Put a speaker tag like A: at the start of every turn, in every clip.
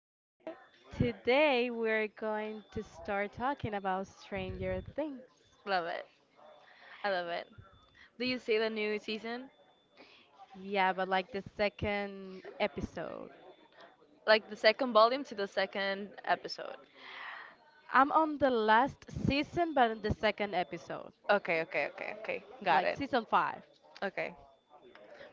A: Hi.
B: Today we're going to start talking about Stranger Things.
A: Love it. I love it. Do you see the new season?
B: Yeah, but like the second episode.
A: Like the second volume to the second episode.
B: I'm on the last season, but in the second episode,
A: Okay, okay, okay, okay. Got
B: like
A: it.
B: season five.
A: Okay,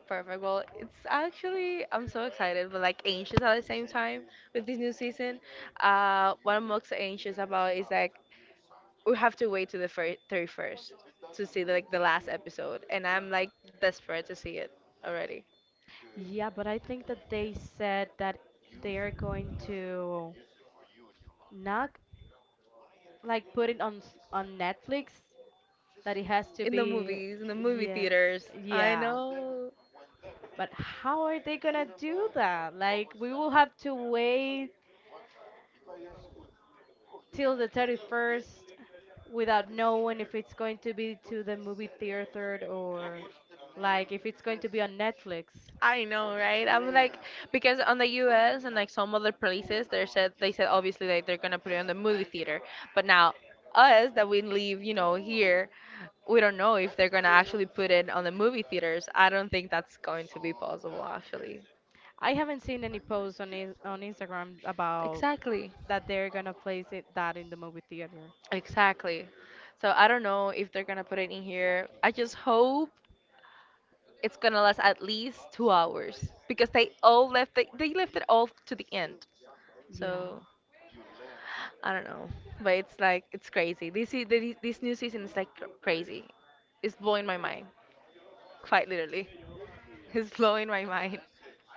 A: perfect. Well, it's actually I'm so excited, but like anxious at the same time with this new season. What I'm most anxious about is like we have to wait to the first 31st to see like the last episode, and I'm like desperate to see it already
B: Yeah, but I think that they said that they are going to not like put it on on Netflix. That it has to
A: in the
B: be,
A: movies, in the movie
B: yeah,
A: theaters. I
B: yeah.
A: know.
B: But how are they gonna do that? Like we will have to wait till the 31st without knowing if it's going to be to the movie theater or like if it's going to be on Netflix.
A: I know, right? I'm like, yeah, because on the U.S. and like some other places, they said obviously like they're gonna put it on the movie theater, but now us that we live, you know, here, we don't know if they're gonna actually put it on the movie theaters. I don't think that's going to be possible, actually.
B: I haven't seen any posts on on Instagram about
A: Exactly,
B: that they're gonna place it that in the movie theater.
A: exactly. So I don't know if they're gonna put it in here. I just hope it's gonna last at least 2 hours because they, they left it all to the end. So
B: Yeah.
A: I don't know, but it's like it's crazy. This new season is like crazy. It's blowing my mind, quite literally. It's blowing my mind.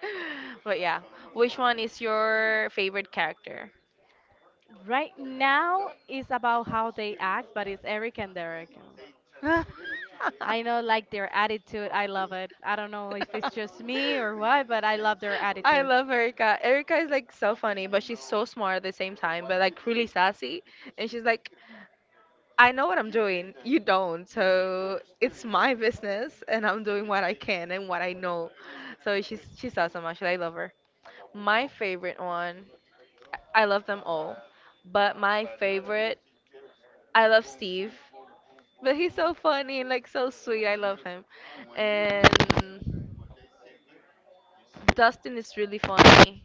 A: But yeah, which one is your favorite character?
B: Right now is about how they act, but it's Eric and Derek.
A: I
B: I know like their attitude. I love it. I don't know if it's just me or what, but I love their attitude.
A: love Erica. Erica is like so funny, but she's so smart at the same time, but like really sassy. And she's like, I know what I'm doing. You don't. So it's my business, and I'm doing what I can and what I know. So she's awesome. Actually, I love her. My favorite one. I love them all, but my favorite. I love Steve, but he's so funny and like so sweet. I love him, and Dustin is really funny.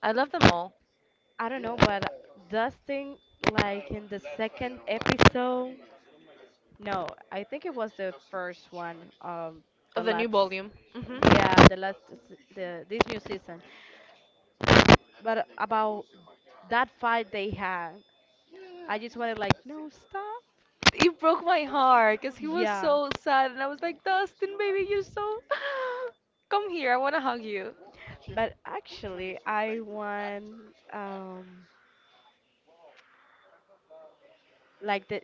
A: I love them all
B: I don't know, but Dustin, like in the second episode, no, I think it was the first one, the
A: of the new
B: last,
A: volume. Hmm.
B: yeah, the last, the this new season. But about that fight they had, I just wanted like, no, stop.
A: It broke my heart because he was
B: Yeah,
A: so sad, and I was like, Dustin, baby, you're so. Come here, I want to hug you.
B: but actually, I want, um, like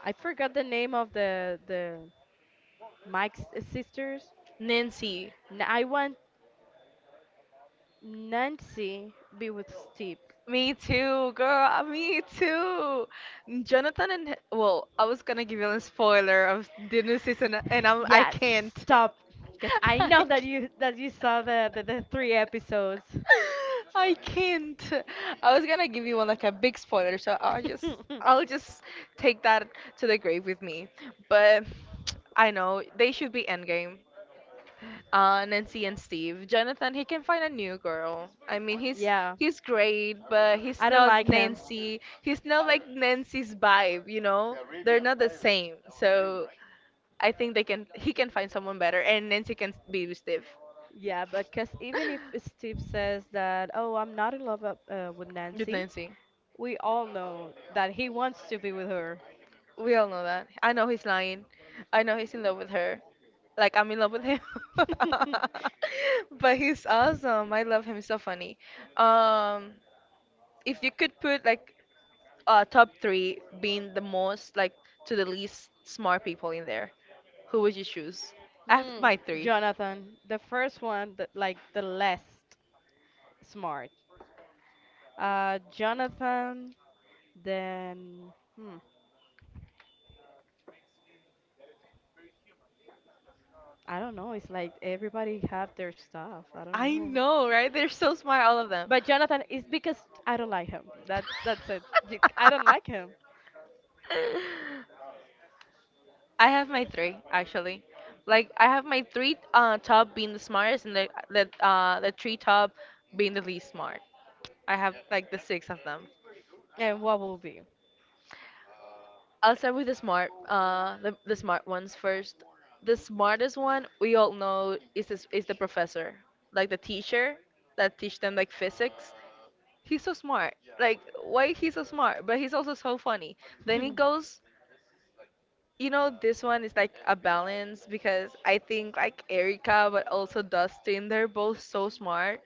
B: I forgot the name of the Mike's sisters.
A: Nancy,
B: I want Nancy be with Steve.
A: me too, girl, me too. Jonathan and well, I was gonna give you a spoiler of the new season, and I
B: Yeah,
A: can't.
B: stop. Because I
A: I
B: know
A: know
B: that
A: that you
B: you that
A: that
B: you
A: you
B: saw
A: started
B: the three
A: three episodes.
B: episodes.
A: I can't. I was gonna give you one like a big spoiler, so I'll just I'll just take that to the grave with me. But I know they should be endgame. Nancy and Steve. Jonathan, he can find a new girl. I mean, he's
B: Yeah,
A: he's great, but he's
B: I don't
A: not
B: like him.
A: Nancy. He's not like Nancy's vibe, you know? They're not the same. So I think they can he can find someone better, and Nancy can be with Steve.
B: Yeah, but because even if Steve says that, oh, I'm not in love with
A: With
B: Nancy,
A: Nancy.
B: we all know that he wants to be with her.
A: We all know that. I know he's lying. I know he's in love with her. Like I'm in love with him. But he's awesome. I love him. He's so funny. Um, if you could put like top three being the most like to the least smart people in there, who would you choose? I have
B: Hmm,
A: my three.
B: Jonathan, the first one, like the less smart. Jonathan, then hmm, I don't know. It's like everybody have their stuff. I don't
A: I
B: know.
A: know, right? They're so smart, all of them.
B: But Jonathan, it's because I don't like him. That's it. I don't like him.
A: I have my three actually. Like I have my three top being the smartest and the three top being the least smart. I have like the six of them.
B: And what will be?
A: I'll start with the smart the smart ones first. The smartest one we all know is the professor, like the teacher that teach them like physics. He's so smart. Like why he's so smart, but he's also so funny. Then he goes, you know, this one is like a balance because I think like Erica but also Dustin, they're both so smart.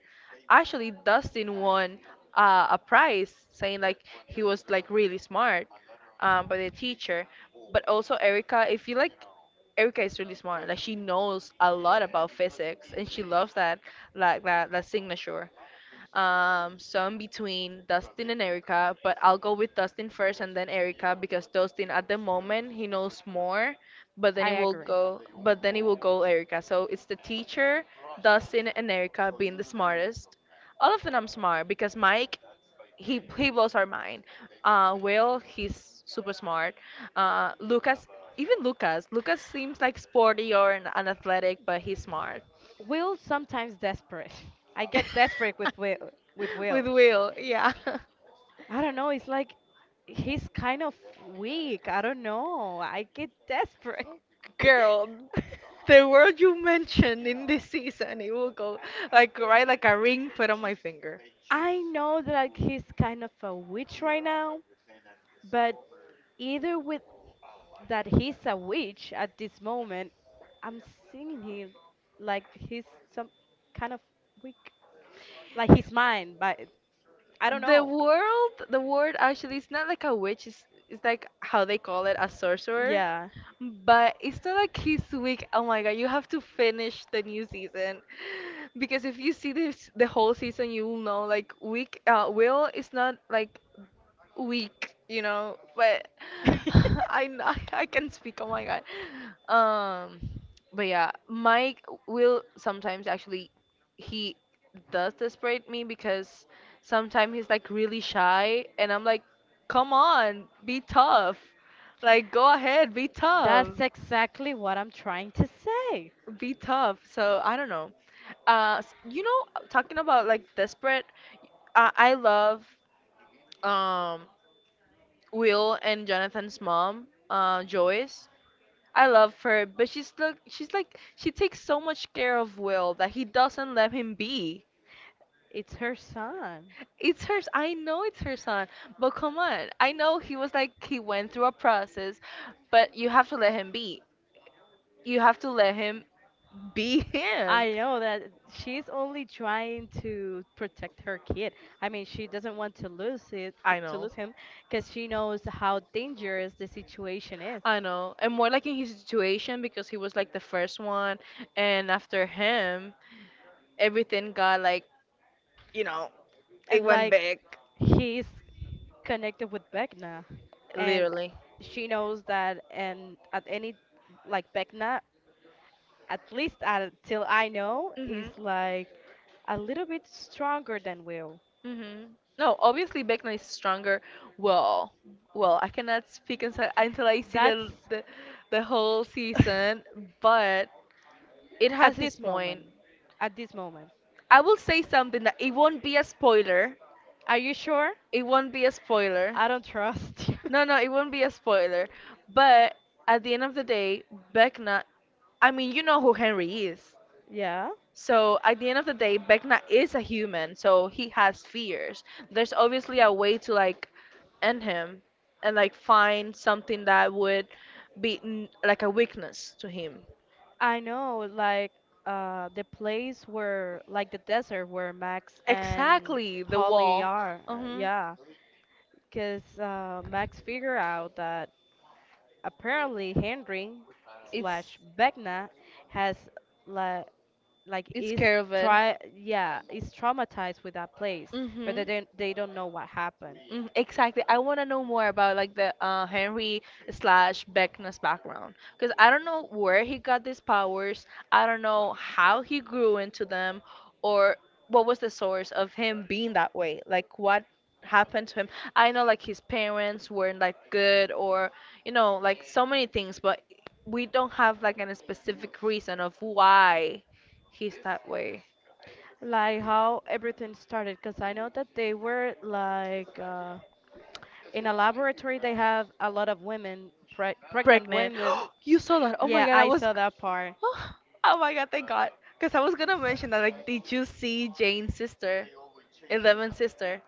A: Actually Dustin won a prize saying like he was like really smart, by the teacher. But also Erica, if you like, Erica is really smart. Like she knows a lot about physics and she loves that like that signature. So in between Dustin and Erica, but I'll go with Dustin first and then Erica because Dustin at the moment he knows more, but then
B: I
A: it will
B: agree.
A: go, but then it will go Erica. So it's the teacher, Dustin and Erica being the smartest. All of them I'm smart because Mike he blows our mind. Will he's super smart. Lucas even Lucas Lucas seems like sporty or an athletic but he's smart.
B: Will sometimes desperate. I get desperate with Will. With
A: With
B: Will.
A: Will, yeah,
B: I don't know. It's like he's kind of weak. I don't know. I get desperate.
A: girl. The word you mentioned in this season, it will go like right like a ring put on my finger.
B: I know that like, he's kind of a witch right now, but either with that he's a witch at this moment, I'm seeing him like he's some kind of weak, like he's mine, but I don't
A: The
B: know.
A: world, the word actually it's not like a witch. It's like how they call it a sorcerer.
B: Yeah.
A: But it's not like he's weak. Oh my god, you have to finish the new season because if you see this the whole season, you will know like weak Will is not like weak, you know, but I n- I can speak. Oh my god. Um, but yeah, Mike will sometimes actually he does desperate me because sometimes he's like really shy and I'm like, "Come on, be tough. Like go ahead, be tough.
B: That's exactly what I'm trying to say.
A: Be tough." So, I don't know. You know, talking about like desperate, I love um Will and Jonathan's mom, Joyce. I love her, but she's like she takes so much care of Will that he doesn't let him be.
B: It's her son.
A: It's hers. I know it's her son, but come on. I know he was like he went through a process, but you have to let him be. You have to let him be him.
B: I know that she's only trying to protect her kid. I mean, she doesn't want to lose it,
A: I
B: to
A: know.
B: lose him, because she knows how dangerous the situation is.
A: I know, and more like in his situation because he was like the first one, and after him, everything got like you know it
B: And
A: went
B: like,
A: back.
B: he's connected with Vecna, and
A: Literally.
B: she knows that. And at any, like, Vecna at least until I know,
A: Hmm.
B: is like a little bit stronger than will.
A: hmm No, obviously Beckman is stronger. Well, well, I cannot speak until I see
B: That's
A: the whole season, but it has
B: at
A: its
B: this moment.
A: point.
B: At this moment.
A: I will say something that it won't be a spoiler.
B: Are you sure?
A: It won't be a spoiler.
B: I don't trust you.
A: No, it would not be a spoiler. But at the end of the day, Vecna, I mean, you know who Henry is.
B: Yeah.
A: So at the end of the day, Vecna is a human, so he has fears. There's obviously a way to like end him and like find something that would be like a weakness to him.
B: I know, like the place where, like the desert where Max and
A: Exactly, the
B: Holly
A: wall.
B: are.
A: Uh
B: Uh,
A: huh.
B: yeah, because Max figured out that apparently, Henry
A: It's
B: slash Vecna has la- like
A: it's
B: is
A: scared of it.
B: try yeah is traumatized with that place, but
A: Mhm.
B: they don't know what happened.
A: Mhm, exactly. I want to know more about like the Henry slash Beckner's background because I don't know where he got these powers. I don't know how he grew into them, or what was the source of him being that way. Like what happened to him. I know like his parents weren't like good, or you know like so many things, but we don't have like a specific reason of why he's that way.
B: Like how everything started, because I know that they were like in a laboratory. They have a lot of women, pregnant
A: Pregnant.
B: women.
A: You saw that. Oh my
B: Yeah,
A: God, I
B: I
A: was
B: saw that part.
A: oh oh my god, thank God. Because I was gonna mention that, like, did you see Jane's sister? Eleven's sister.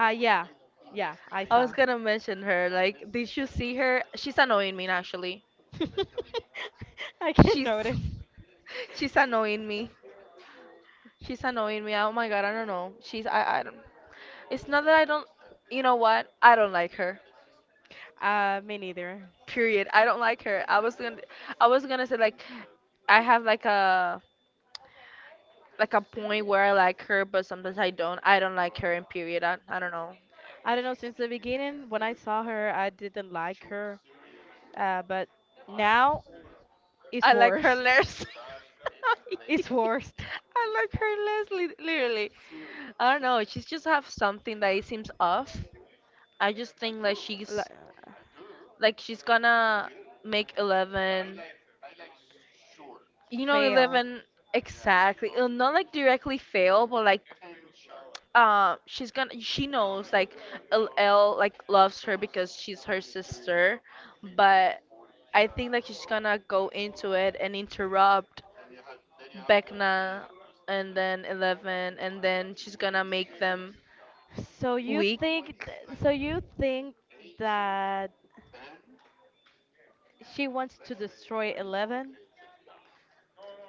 B: Yeah, yeah, I
A: I was
B: saw.
A: gonna mention her. Like, did you see her? She's annoying me, actually.
B: I can
A: She's.
B: notice.
A: She's annoying me. She's annoying me. Oh my god, I don't know. She's. I don't. It's not that I don't. You know what? I don't like her.
B: Me neither.
A: Period. I don't like her. I was gonna. I was gonna say, like, I have, like, a. Like a point where I like her, but sometimes I don't. I don't like her, and period. I don't know.
B: I don't know, since the beginning, when I saw her, I didn't like her. But now it's
A: I like her
B: worst.
A: less.
B: It's worst.
A: I like her less, literally. I don't know. She's just have something that it seems off. I just think like
B: L-
A: she's gonna make Eleven. You know,
B: Fail.
A: Eleven exactly. Not like directly fail, but like she's gonna. She knows like L, like loves her because she's her sister, but I think like she's gonna go into it and interrupt Beckna, and then Eleven, and then she's gonna make them
B: So you
A: weak
B: think that she wants to destroy 11?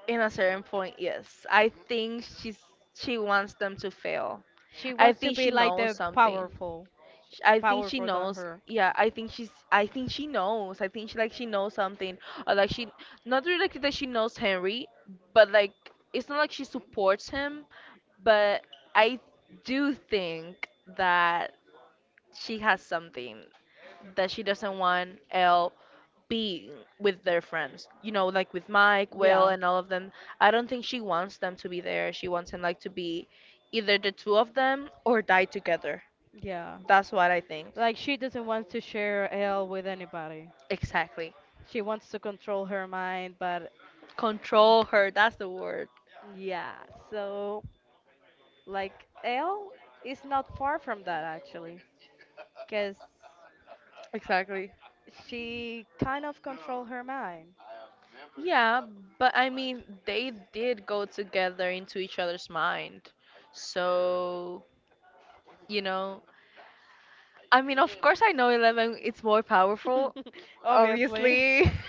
A: in a certain point. Yes, I think she wants them to fail.
B: She
A: I
B: wants to
A: think she
B: be like
A: knows
B: the
A: something.
B: powerful,
A: I think she
B: powerful than
A: knows.
B: her.
A: Yeah, I think she's. I think she knows. I think she knows something, or like she not really like that she knows Henry, but like it's not like she supports him, but I do think that she has something that she doesn't want L being with their friends. You know, like with Mike, Will,
B: Yeah,
A: and all of them. I don't think she wants them to be there. She wants them like to be either the two of them or die together.
B: yeah.
A: That's what I think.
B: Like she doesn't want to share L with anybody.
A: Exactly.
B: She wants to control her mind, but
A: Control her. That's the word.
B: yeah. So like Elle is not far from that actually, because
A: Exactly.
B: she kind of control her mind,
A: Yeah, but I mean, they did go together into each other's mind. So, you know, I mean, of course, I know Eleven it's more powerful,
B: obviously.
A: obviously.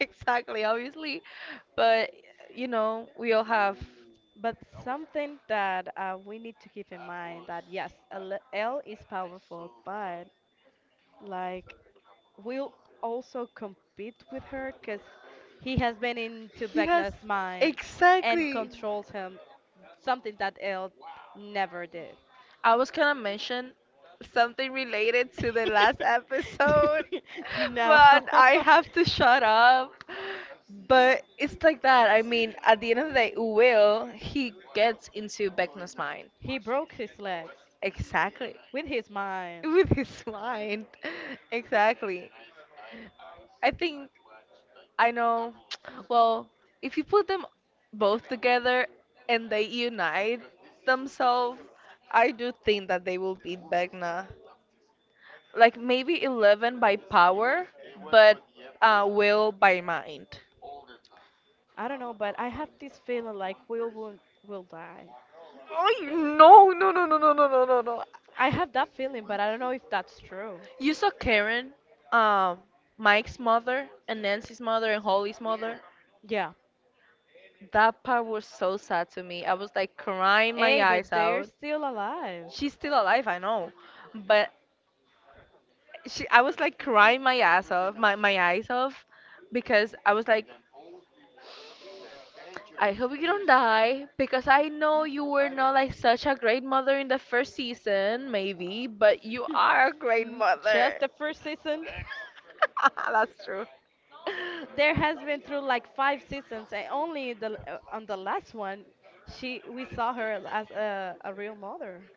A: Exactly, obviously. But, you know, we all have.
B: But something that we need to keep in mind that yes, L Elle is powerful, but like we'll also compete with her because he has been into
A: Yes,
B: Vecna's mind and
A: exactly.
B: controls him, something that Elle never did.
A: I was gonna mention something related to the last episode,
B: No.
A: but I have to shut up. But it's like that. I mean, at the end of the day, Will, he gets into Beckman's mind.
B: He broke his legs
A: Exactly.
B: with his mind.
A: With his mind. Exactly. I think I know. Well, if you put them both together and they unite themselves, I do think that they will beat Vecna. Like maybe 11 by power, but Will by mind.
B: I don't know, but I have this feeling like Will will die.
A: Oh no no no no no no no no no!
B: I have that feeling, but I don't know if that's true.
A: You saw Karen, um, Mike's mother and Nancy's mother and Holly's mother.
B: Yeah.
A: That part was so sad to me. I was like crying my
B: Hey, but
A: eyes
B: they're
A: out.
B: still alive.
A: She's still alive, I know, but she I was like crying my ass off, my eyes off, because I was like, I hope you don't die because I know you were not like such a great mother in the first season, maybe, but you are a great
B: Mm, just
A: mother.
B: the first season.
A: That's true.
B: There has been through like five seasons, and only the on the last one, she we saw her as a real mother.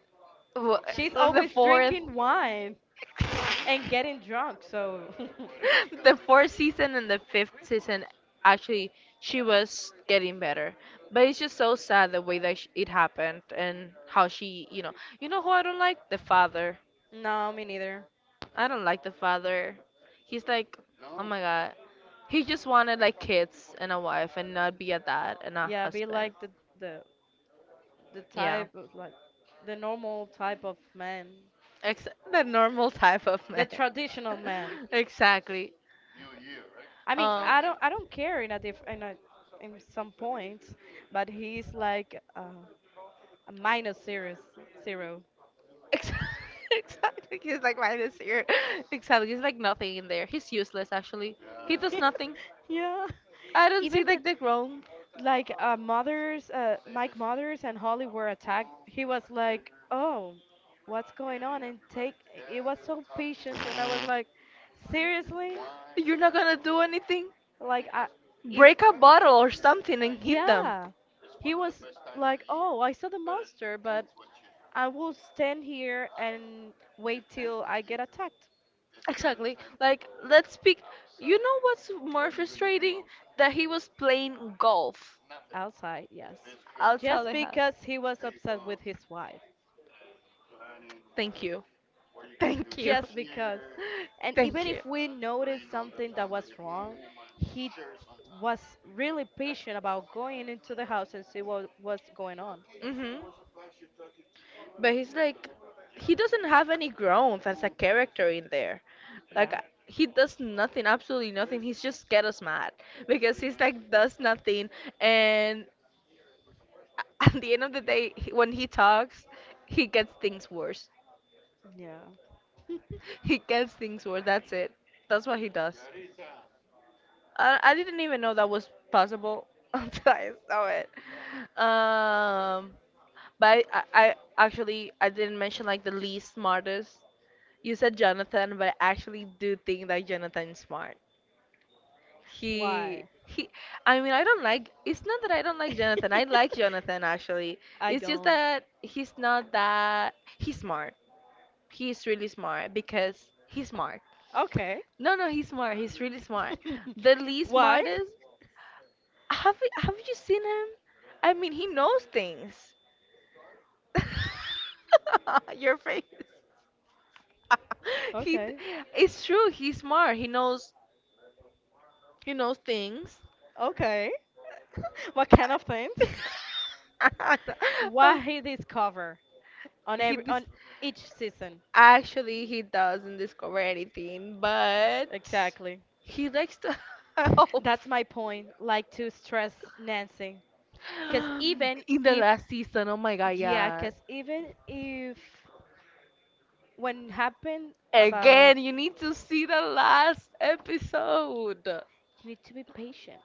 A: Wha-
B: She's
A: The
B: always
A: fourth.
B: drinking wine and getting drunk, so
A: The fourth season and the fifth season, actually, she was getting better. But it's just so sad the way that it happened and how she, you know who I don't like? The father.
B: no, me neither.
A: I don't like the father. He's like, oh my god, he just wanted like kids and a wife and not be a dad and a
B: Yeah, be
A: husband.
B: like the the
A: Yeah,
B: type of like the normal type of man,
A: The normal type of
B: the
A: man.
B: traditional man.
A: exactly.
B: I mean,
A: Um.
B: I don't care in a in some points, but he's like a minus zero zero.
A: Ex- Exactly. He's like minus here. Exactly. He's like nothing in there. He's useless actually. He does nothing.
B: Yeah.
A: I don't see
B: Even the
A: like the ground.
B: like mothers, Mike mothers and Holly were attacked, he was like, "Oh, what's going on?" And take it was so patient, and I was like, "Seriously?"
A: You're not gonna do anything.
B: Like I, if
A: Break a bottle or something and hit them.
B: yeah, he was like, "Oh, I saw the monster, but I will stand here and wait till I get attacked
A: Exactly. Like let's speak. You know what's more frustrating? That he was playing golf.
B: outside." Yes,
A: I'll tell
B: just
A: you how.
B: because he was upset with his wife.
A: Thank you. Thank you.
B: Just because. And
A: Thank
B: even
A: you.
B: if we noticed something that was wrong, he was really patient about going into the house and see what was going on.
A: Mhm. But he's like, he doesn't have any growth as a character in there. Like,
B: No.
A: he does nothing, absolutely nothing. He's just get us mad because he's like does nothing, and at the end of the day, when he talks, he gets things worse.
B: Yeah.
A: He gets things worse. That's it. That's what he does. I didn't even know that was possible until I saw it. Um, But I actually I didn't mention like the least smartest. You said Jonathan, but I actually do think that Jonathan is smart. He
B: Why?
A: he I mean I don't like it's not that I don't like Jonathan. I like Jonathan actually.
B: I
A: It's just
B: don't.
A: that he's not that he's smart. He's really smart because he's smart.
B: Okay.
A: No, no, he's smart. He's really smart. The least
B: Why?
A: smartest. Have you seen him? I mean, he knows things. Your face. he, d-
B: Okay.
A: it's true. He's smart. He knows. He knows things.
B: Okay. What kind of things?
A: Oh,
B: What he discover on
A: he
B: every
A: dis-
B: on each season?
A: actually he doesn't discover anything, but
B: Exactly.
A: he likes to help.
B: That's my point, like to stress Nancy. Because
A: Um,
B: even
A: In the
B: if,
A: last season, oh my god,
B: yeah,
A: yeah.
B: because even if when happened about,
A: Again, you need to see the last episode.
B: you need to be patient.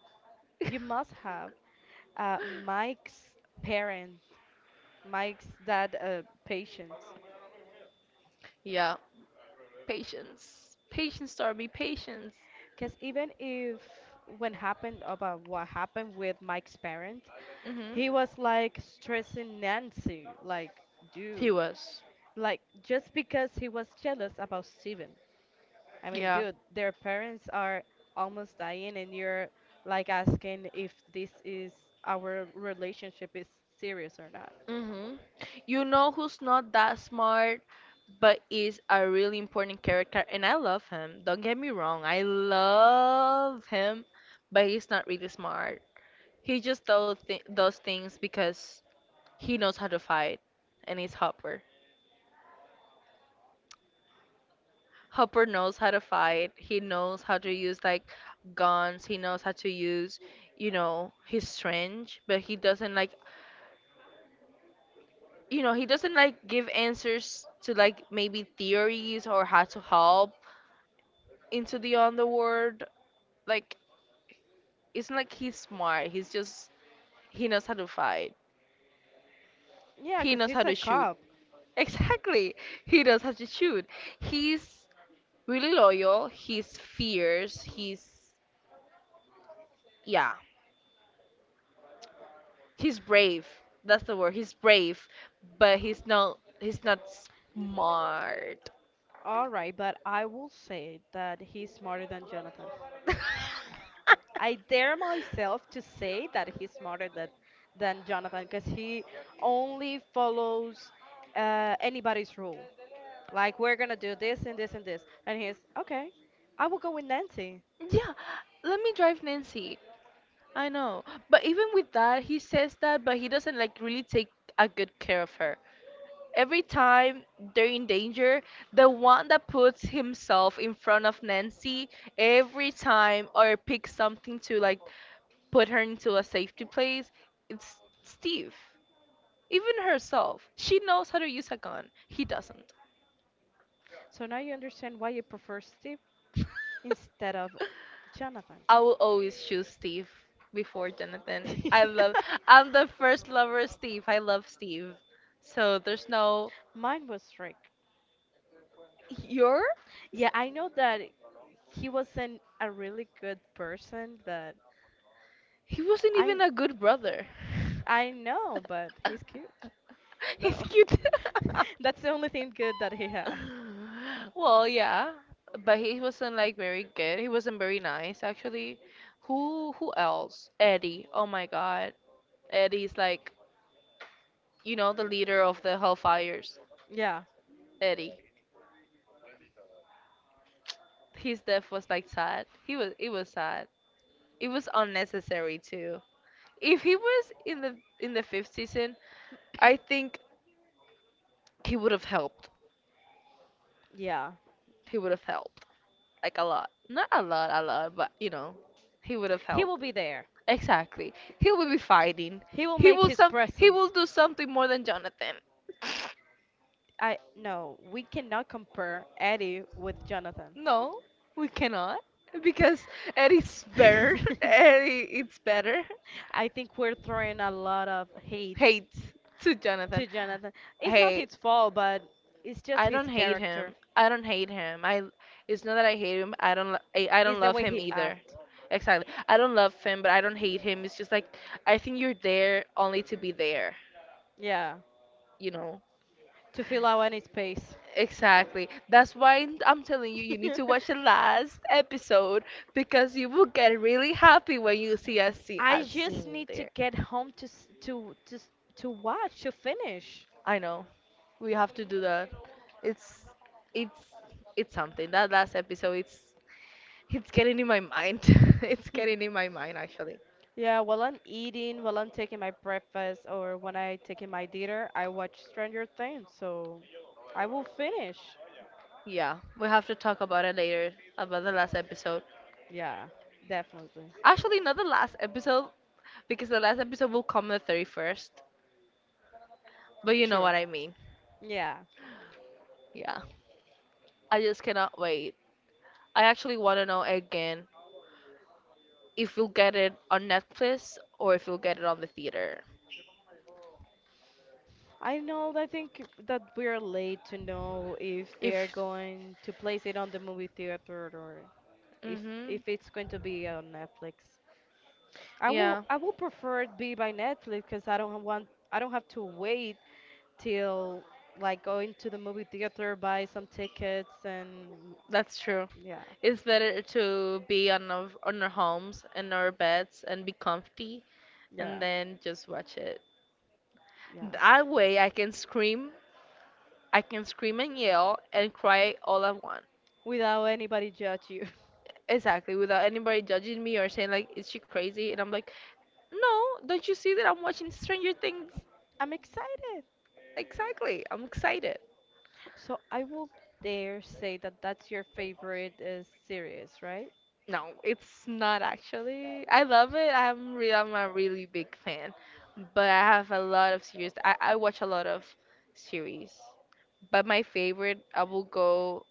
B: You must have Mike's parent, Mike's dad patience.
A: Yeah, patience. Patience, Darby, patience.
B: Because even if when happened about what happened with Mike's parent, he
A: hmm
B: was like stressing Nancy, like,
A: He
B: dude,
A: was.
B: like, just because he was jealous about Steven. I mean,
A: Yeah.
B: dude, their parents are almost dying, and you're like asking if this is our relationship is serious or not.
A: Mhm. You know who's not that smart but is a really important character and I love him. Don't get me wrong. I love him, but he's not really smart. He just does, does things because he knows how to fight and he's Hopper. Hopper knows how to fight. He knows how to use like guns. He knows how to use, his strength, but he doesn't like give answers to like maybe theories or how to help into the underworld. Like it's not like he's smart. He's just, he knows how to fight.
B: Yeah,
A: He
B: because
A: knows how
B: he's a
A: to shoot.
B: cop.
A: Exactly. He knows how to shoot. He's really loyal. He's fierce. He's yeah. He's brave. That's the word. He's brave, but he's not smart.
B: All right, but I will say that he's smarter than Jonathan. I dare myself to say that he's smarter than Jonathan because he only follows anybody's rule. Like we're gonna do this and this and this. And he's okay. I will go with Nancy.
A: Yeah, let me drive Nancy. I know. But even with that, he says that, but he doesn't like really take a good care of her. Every time they're in danger, the one that puts himself in front of Nancy every time or picks something to like put her into a safety place, it's Steve. Even herself. She knows how to use a gun. He doesn't.
B: So now you understand why you prefer Steve instead of Jonathan.
A: I will always choose Steve before Jonathan. I love. I'm the first lover of Steve. I love Steve. So there's no.
B: Mine was Rick.
A: You're.
B: Yeah, I know that he wasn't a really good person, but
A: He wasn't
B: I
A: even a good brother.
B: I know, but he's cute.
A: He's
B: Though.
A: cute.
B: That's the only thing good that he had.
A: well, yeah, but he wasn't like very good. He wasn't very nice, actually. Who else? Eddie. Oh my God, Eddie's like the leader of the Hellfires.
B: Yeah,
A: Eddie. His death was like sad. He was it was sad. It was unnecessary too. If he was in the fifth season, I think he would have helped.
B: yeah.
A: He would have helped like a lot. Not a lot, a lot, but he would have
B: He
A: helped.
B: will be there.
A: Exactly. He will be fighting.
B: He will
A: He
B: make
A: will
B: his
A: some he will
B: presence.
A: do something more than Jonathan.
B: I No, we cannot compare Eddie with Jonathan.
A: No, we cannot because Eddie's better. Eddie it's better.
B: I think we're throwing a lot of hate
A: Hate to Jonathan.
B: to Jonathan. It's not
A: Hey,
B: his fault, but it's just
A: I
B: his
A: don't hate
B: character.
A: him. I don't hate him. I It's not that I hate him. I don't
B: It's the
A: love
B: way
A: him
B: he
A: either.
B: acts.
A: Exactly. I don't love him, but I don't hate him. It's just like I think you're there only to be there,
B: Yeah,
A: you know.
B: to fill out any space.
A: Exactly. That's why I'm telling you you need to watch the last episode because you will get really happy when you see a scene,
B: I
A: a
B: just
A: scene
B: need to
A: there.
B: get home to watch to finish.
A: I know. We have to do that. It's it's it's something. That last episode it's getting in my mind. It's
B: Hmm.
A: getting in my mind, actually.
B: Yeah, while I'm eating, while I'm taking my breakfast, or when I taking my dinner, I watch Stranger Things, so I will finish.
A: Yeah, we have to talk about it later, about the last episode.
B: Yeah, definitely.
A: Actually, not the last episode, because the last episode will come the 31st, but you know
B: True.
A: what I mean.
B: Yeah.
A: Yeah, I just cannot wait. I actually want to know again if you'll get it on Netflix or if you'll get it on the theater.
B: I know, I think that we're late to know if
A: If,
B: they're going to place it on the movie theater or if
A: hmm
B: it's going to be on Netflix.
A: yeah,
B: I will prefer it be by Netflix because I don't have to wait till like going to the movie theater, buy some tickets, and
A: that's true.
B: yeah,
A: It's better to be on our homes and our beds and be comfy and
B: yeah,
A: then just watch it.
B: yeah,
A: That way I can scream, and yell and cry all at once.
B: without anybody judge you.
A: Exactly, without anybody judging me or saying like, is she crazy? And I'm like, no, don't you see that I'm watching Stranger Things?
B: I'm excited.
A: Exactly, I'm excited.
B: So I will dare say that that's your favorite series, right?
A: No, it's not actually. I love it. I'm a really big fan, but I have a lot of series. I watch a lot of series, but my favorite I will go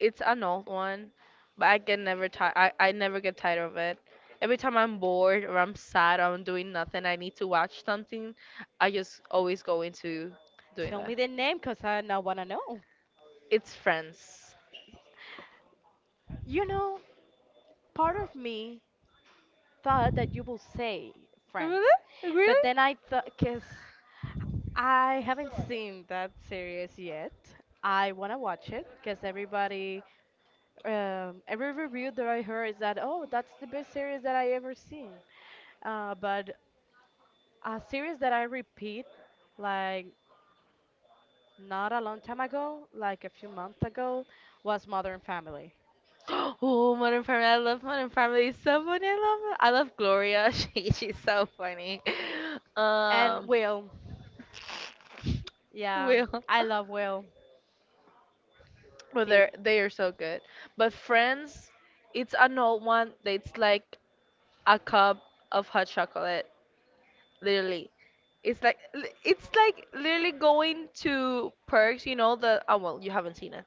A: it's an old one, but I can never ti I never get tired of it. Every time I'm bored or I'm sad or I'm doing nothing, I need to watch something, I just always go into doing
B: Tell
A: that.
B: me the name, cause I now wanna know.
A: It's Friends.
B: You know, part of me thought that you will say
A: Remember
B: Friends,
A: that? Like,
B: but
A: really?
B: then I thought, cause I haven't seen that series yet. I wanna watch it, cause everybody every review that I heard is that, oh, that's the best series that I ever seen. But a series that I repeat, like not a long time ago, like a few months ago, was Modern Family.
A: Oh, Modern Family. I love Modern Family. It's so funny. I love it. I love Gloria. She's so funny.
B: And
A: Um,
B: Will, yeah,
A: Will.
B: I love Will.
A: Well,
B: He.
A: they are so good. But Friends, it's an old one. It's like a cup of hot chocolate, literally. It's like it's like literally going to Perks, you know, the oh well, you haven't seen it.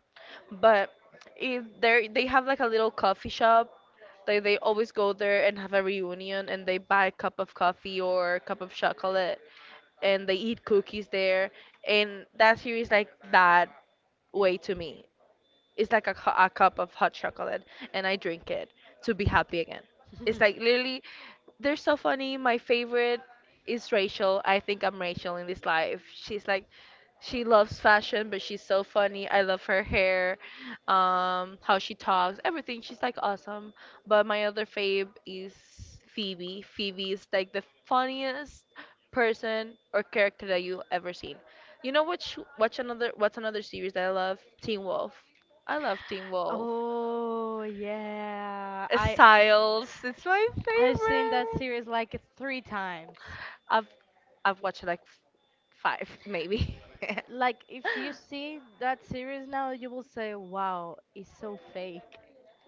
A: But if they have like a little coffee shop, they always go there and have a reunion and they buy a cup of coffee or a cup of chocolate and they eat cookies there and that series like that way to me. It's like a, a cup of hot chocolate, and I drink it to be happy again. It's like literally, they're so funny. My favorite is Rachel. I think I'm Rachel in this life. She's like, she loves fashion, but she's so funny. I love her hair, how she talks, everything. She's like awesome. But my other fave is Phoebe. Phoebe is like the funniest person or character that you've ever seen. You know which what's another series that I love? Teen Wolf. I love Teen Wolf.
B: Oh yeah,
A: Styles, it's my
B: I've seen that
A: favorite.
B: series like three times.
A: I've I've watched like five maybe.
B: Like if you see that series now, you will say, "Wow, it's so fake."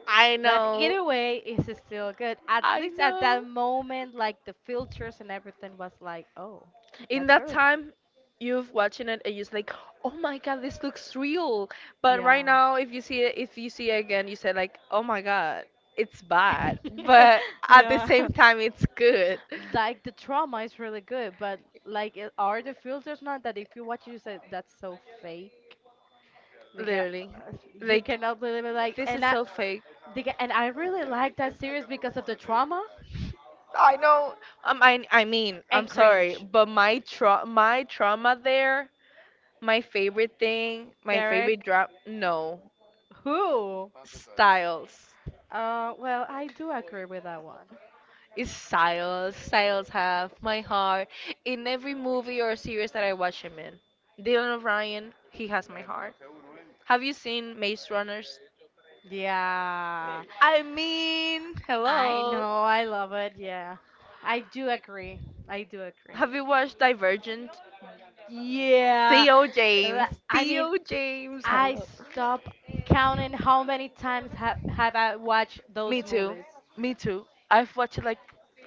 A: I
B: But
A: know.
B: either way, it's still good. At
A: I
B: least at that
A: know.
B: moment, like the filters and everything was like, oh,
A: In
B: that's
A: that
B: really
A: time, you've watching it and you're just like, oh my god, this looks real. But right
B: yeah.
A: now, if you see it, if you see it again, you say like, oh my god, it's bad. But at the
B: yeah,
A: same time, it's good.
B: like the trauma is really good, but like, are the filters not that if you watch it, you say that's so fake? Like,
A: Literally,
B: you
A: like
B: cannot believe it.
A: this is so fake.
B: Like, and I really like that series because of the trauma
A: I know. I mean, I'm
B: and
A: sorry,
B: cringe.
A: but my trauma there, my favorite thing, my favorite
B: Derek,
A: drop. No,
B: who?
A: Styles.
B: Well, I do agree with that one.
A: It's Styles. Styles have my heart in every movie or series that I watch him in. Dylan O'Brien, he has my heart. Have you seen Maze Runners?
B: Yeah.
A: I mean,
B: I
A: hello.
B: know, I love it. Yeah, I do agree. I do agree.
A: Have you watched Divergent?
B: Yeah,
A: Theo James.
B: I mean,
A: Theo James.
B: I
A: Hello.
B: stop counting how many times have I watched
A: Me
B: those
A: too.
B: movies.
A: Me too. I've watched it like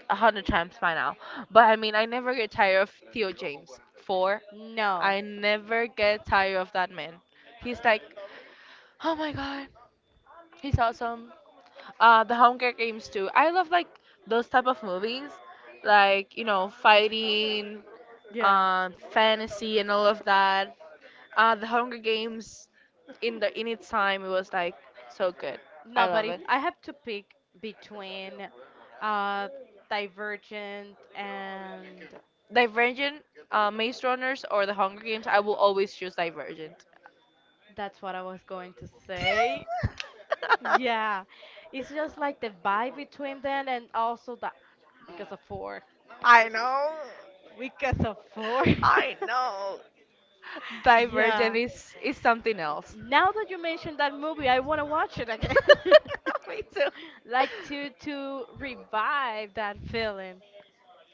A: 100 times by now. But I mean, I never get tired of Theo James. Four.
B: No,
A: I never get tired of that man. He's like, oh my god, he's awesome. The Hunger Games too. I love like those type of movies, like, fighting,
B: yeah,
A: fantasy and all of that. The Hunger Games in its time it was like so good.
B: no.
A: I
B: But
A: love
B: if
A: it.
B: I have to pick between, uh, Divergent and
A: Divergent, Maze Runners, or the Hunger Games. I will always choose Divergent.
B: that's what I was going to say. Yeah, it's just like the vibe between them, and also that because of four.
A: I know.
B: We can afford.
A: I know.
B: yeah.
A: Divergent is something else.
B: Now that you mentioned that movie, I want to watch it again.
A: Me too.
B: Like to revive that feeling.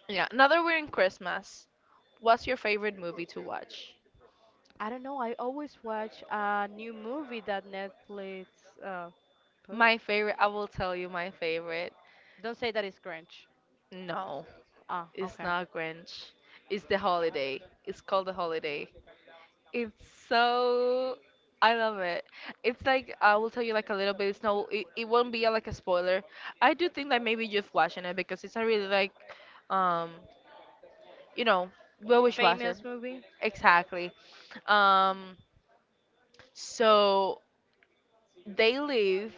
A: Yeah, another, we're in Christmas. What's your favorite movie to watch?
B: I don't know. I always watch a new movie that Netflix uh, put.
A: My favorite, I will tell you my favorite.
B: Don't say that it's cringe.
A: No,
B: Ah,
A: it's
B: okay.
A: not Grinch. It's the holiday. It's called the holiday. It's so, I love it. It's like I will tell you like a little bit. It's no, it won't be like a spoiler. I do think that maybe you've watched it because it's not really like, um, you know, we always watch it.
B: Famous movie?
A: Exactly. Um, so they live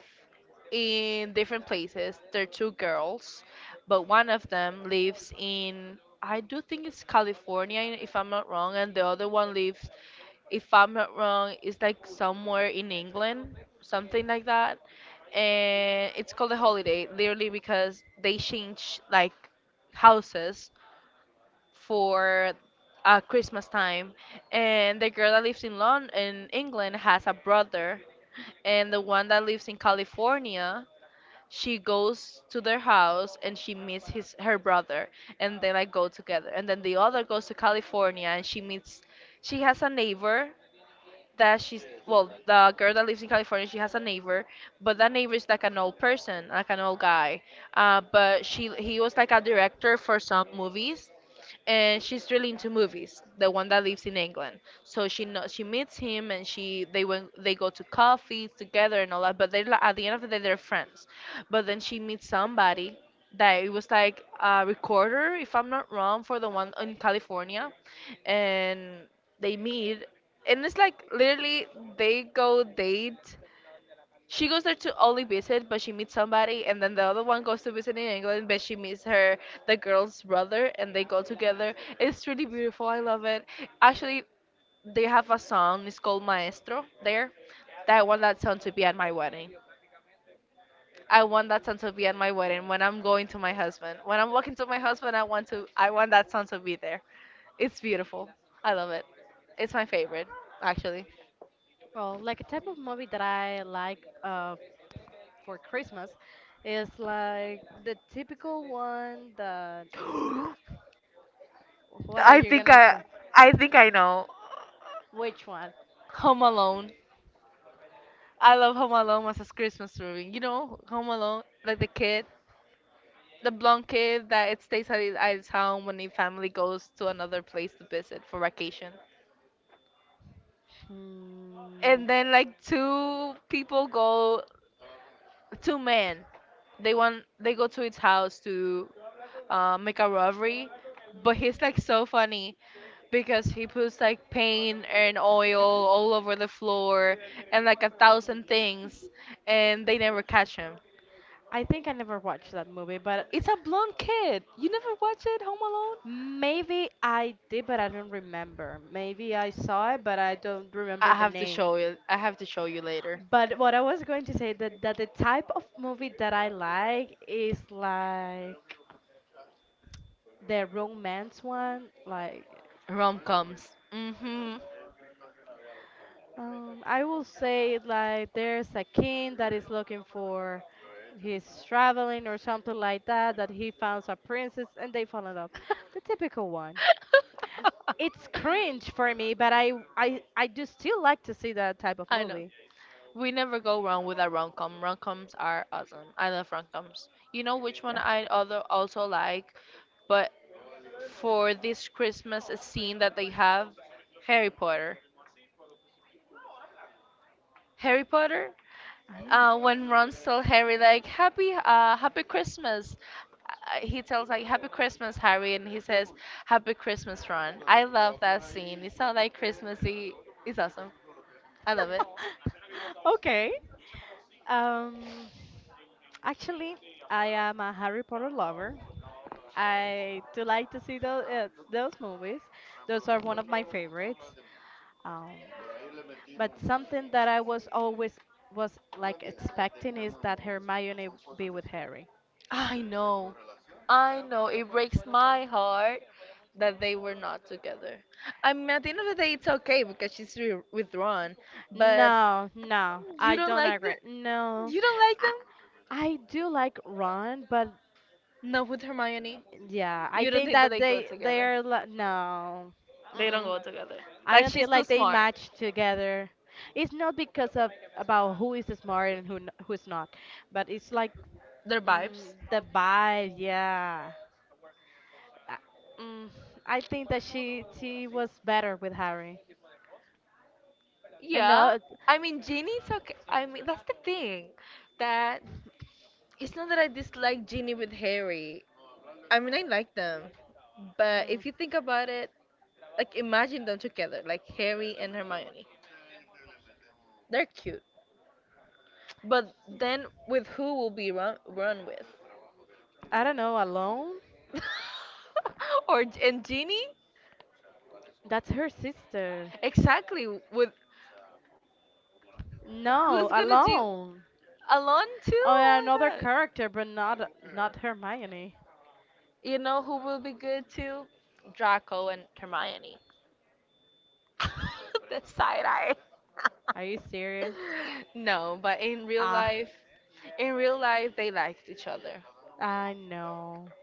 A: in different places. They're two girls, but one of them lives in, I do think it's California, if I'm not wrong, and the other one lives, if I'm not wrong, it's like somewhere in England, something like that. And it's called a holiday, literally because they change like houses for Christmas time, and the girl that lives in London, in England, has a brother, and the one that lives in California, she goes to their house and she meets his her brother, and they like go together, and then the other goes to California and she meets, she has a neighbor that she's, well, the girl that lives in California, she has a neighbor, but that neighbor is like an old person, like an old guy. But she he was like a director for some movies, and she's really into movies, the one that lives in England. So she meets him and she they went they go to coffees together and all that, but they're like, at the end of the day, they're friends. But then she meets somebody that it was like a recorder, if I'm not wrong, for the one in California, and they meet, and it's like literally they go date. She goes there to only visit, but she meets somebody, and then the other one goes to visit in England, but she meets her, the girl's brother, and they go together. It's really beautiful. I love it. Actually, they have a song. It's called Maestro there. That I want that song to be at my wedding. I want that son to be at my wedding when I'm going to my husband. When I'm walking to my husband, I want that son to be there. It's beautiful. I love it. It's my favorite, actually.
B: Well, like a type of movie that I like for Christmas is like the typical one that. What are you gonna
A: Ca-
B: say?
A: I think I know.
B: Which one?
A: Home Alone. I love Home Alone as a Christmas movie. You know, Home Alone, like the kid, the blonde kid that it stays at his home when the family goes to another place to visit for vacation.
B: Hmm.
A: And then like two people go, two men, they go to his house to make a robbery, but he's like so funny because he puts like paint and oil all over the floor and like a thousand things, and they never catch him.
B: I think I never watched that movie, but
A: It's a blonde kid. You never watch it, Home Alone?
B: maybe I did, but I don't remember. Maybe I saw it, but I don't remember
A: I
B: the
A: have to
B: name.
A: show you I have to show you later.
B: But what I was going to say that the type of movie that I like is like the romance one. Like,
A: Rom-coms. Mm-hmm.
B: I will say like there's a king that is looking for he's traveling or something like that that he finds a princess and they fall in love. The typical one. It's cringe for me, but I I do still like to see that type of
A: I know.
B: movie.
A: We never go wrong with a rom-com. Rom-coms are awesome. I love rom-coms. You know which one
B: Yeah.
A: I other also like, but for this Christmas scene that they have, Harry Potter. Harry Potter.
B: I know.
A: When Ron tells Harry, like, Happy, Happy Christmas, he tells, like, Happy Christmas Harry, and he says Happy Christmas Ron. I love that scene. It's so like Christmassy. It's awesome. I love it.
B: Okay. Um Actually, I am a Harry Potter lover. I do like to see those movies. Those are one of my favorites. Um but something that I was like expecting is that Hermione be with Harry.
A: I know. I know. It breaks my heart that they were not together. I mean, at the end of the day, it's okay because she's re- withdrawn, but
B: No, no,
A: you
B: I
A: don't
B: don't
A: like the
B: agree. No,
A: you don't like
B: I,
A: them.
B: I do like Ron, but
A: Not with Hermione.
B: yeah, I
A: You don't
B: think
A: think that
B: that
A: they go
B: they
A: together.
B: are no.
A: They don't
B: Mm-mm.
A: go together.
B: I
A: Like,
B: don't
A: she's
B: think
A: too
B: like they
A: smart.
B: match together. It's not because of about who is smart and who who's not, but it's like
A: Their vibes.
B: the vibe. Yeah, I, mm, I think that she was better with Harry. And no,
A: Yeah, I mean, Ginny's okay. I mean, that's the thing, that it's not that I dislike Ginny with Harry. I mean, I like them, but
B: mm,
A: if you think about it, like, imagine them together, like Harry and Hermione. They're cute. But then with who will be run with?
B: I don't know, alone.
A: Or, and Genie?
B: That's her sister.
A: Exactly. With
B: No,
A: who's gonna do
B: alone.
A: Alon too?
B: Or
A: Oh
B: another
A: my god.
B: character, but not not Hermione.
A: You know who will be good too? Draco and Hermione. The side eye.
B: Are you serious?
A: No, but in real
B: Ah,
A: life, in real life, they liked each other.
B: I know.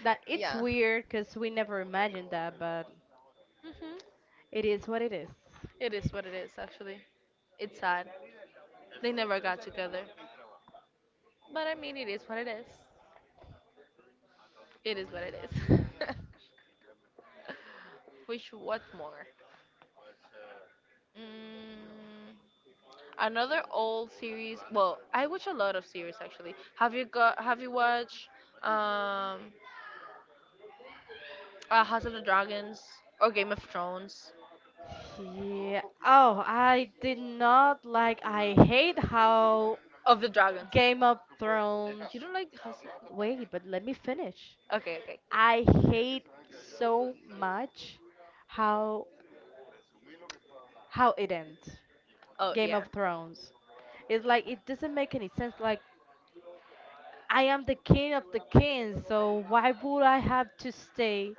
B: That it's
A: Yeah.
B: weird because we never imagined that, but
A: Mhm.
B: it is what it is.
A: It is what it is, actually. It's sad. They never got together. But I mean, it is what it is. It is what it is. Wish what more? Mm, another old series. Well, I watch a lot of series actually. Have you got? Have you watched um, House of the Dragons or Game of Thrones?
B: Yeah. Oh, I did not like. I hate how
A: Of the Dragons.
B: Game of Thrones.
A: You don't like House? Of...
B: Wait, but let me finish.
A: Okay, okay.
B: I hate so much how how it ends.
A: Oh
B: Game
A: yeah,
B: of Thrones. It's like it doesn't make any sense. Like I am the king of the kings, so why would I have to stay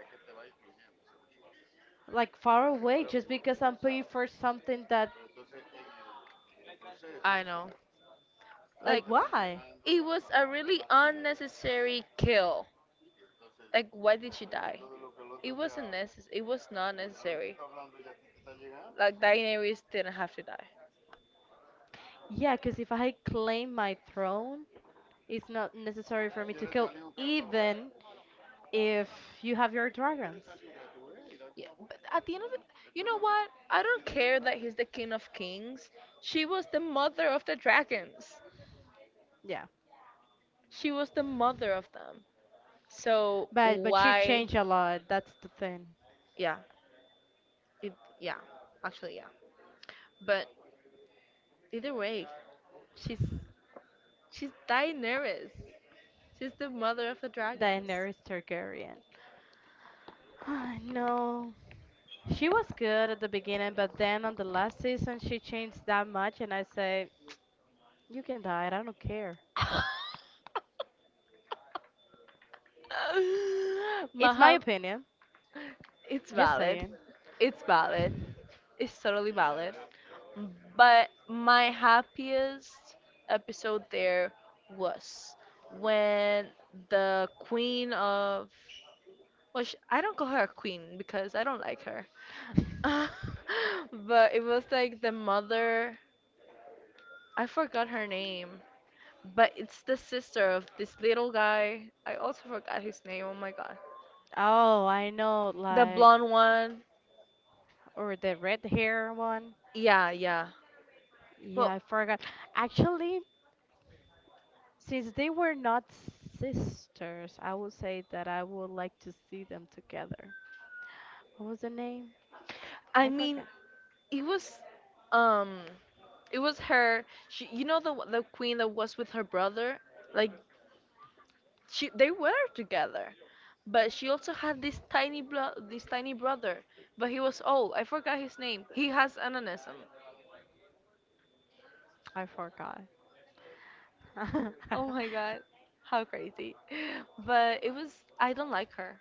B: like far away just because I'm paying for something that
A: I know.
B: like
A: Like,
B: why?
A: it was a really unnecessary kill. Like, why did she die? It wasn't necessary. It was not necessary. Like, Daenerys didn't have to die.
B: Yeah, cause if I claim my throne, it's not necessary for me to kill, even if you have your dragons.
A: Yeah, but at the end of the, you know what? I don't care that he's the king of kings. She was the mother of the dragons.
B: Yeah,
A: She was the mother of them. So
B: but she
A: why?
B: changed a lot. That's the thing.
A: Yeah, it. Yeah, actually, yeah. But either way, she's she's Daenerys. She's the mother of the dragons.
B: Daenerys Targaryen. I know. She was good at the beginning, but then on the last season she changed that much, and I say you can die it. I don't care. It's my
A: Maha,
B: opinion.
A: it's
B: Just
A: valid.
B: saying.
A: It's valid. It's totally valid. But my happiest episode there was when the queen of. Well, sh I don't call her a queen because I don't like her. But it was like the mother. I forgot her name. But it's the sister of this little guy. I also forgot his name. Oh my god.
B: Oh, I know,
A: The
B: like,
A: blonde one.
B: or the red hair one.
A: Yeah, yeah. Well,
B: Yeah, I forgot. Actually, since they were not sisters, I would say that I would like to see them together. What was the name?
A: I
B: I
A: mean,
B: forgot.
A: it was, um, it was her. She, you know, the queen that was with her brother. Like, she, they were together, but she also had this tiny brother. But he was old. I forgot his name. He has ananism.
B: I forgot.
A: Oh my god, how crazy! But it was. I don't like her.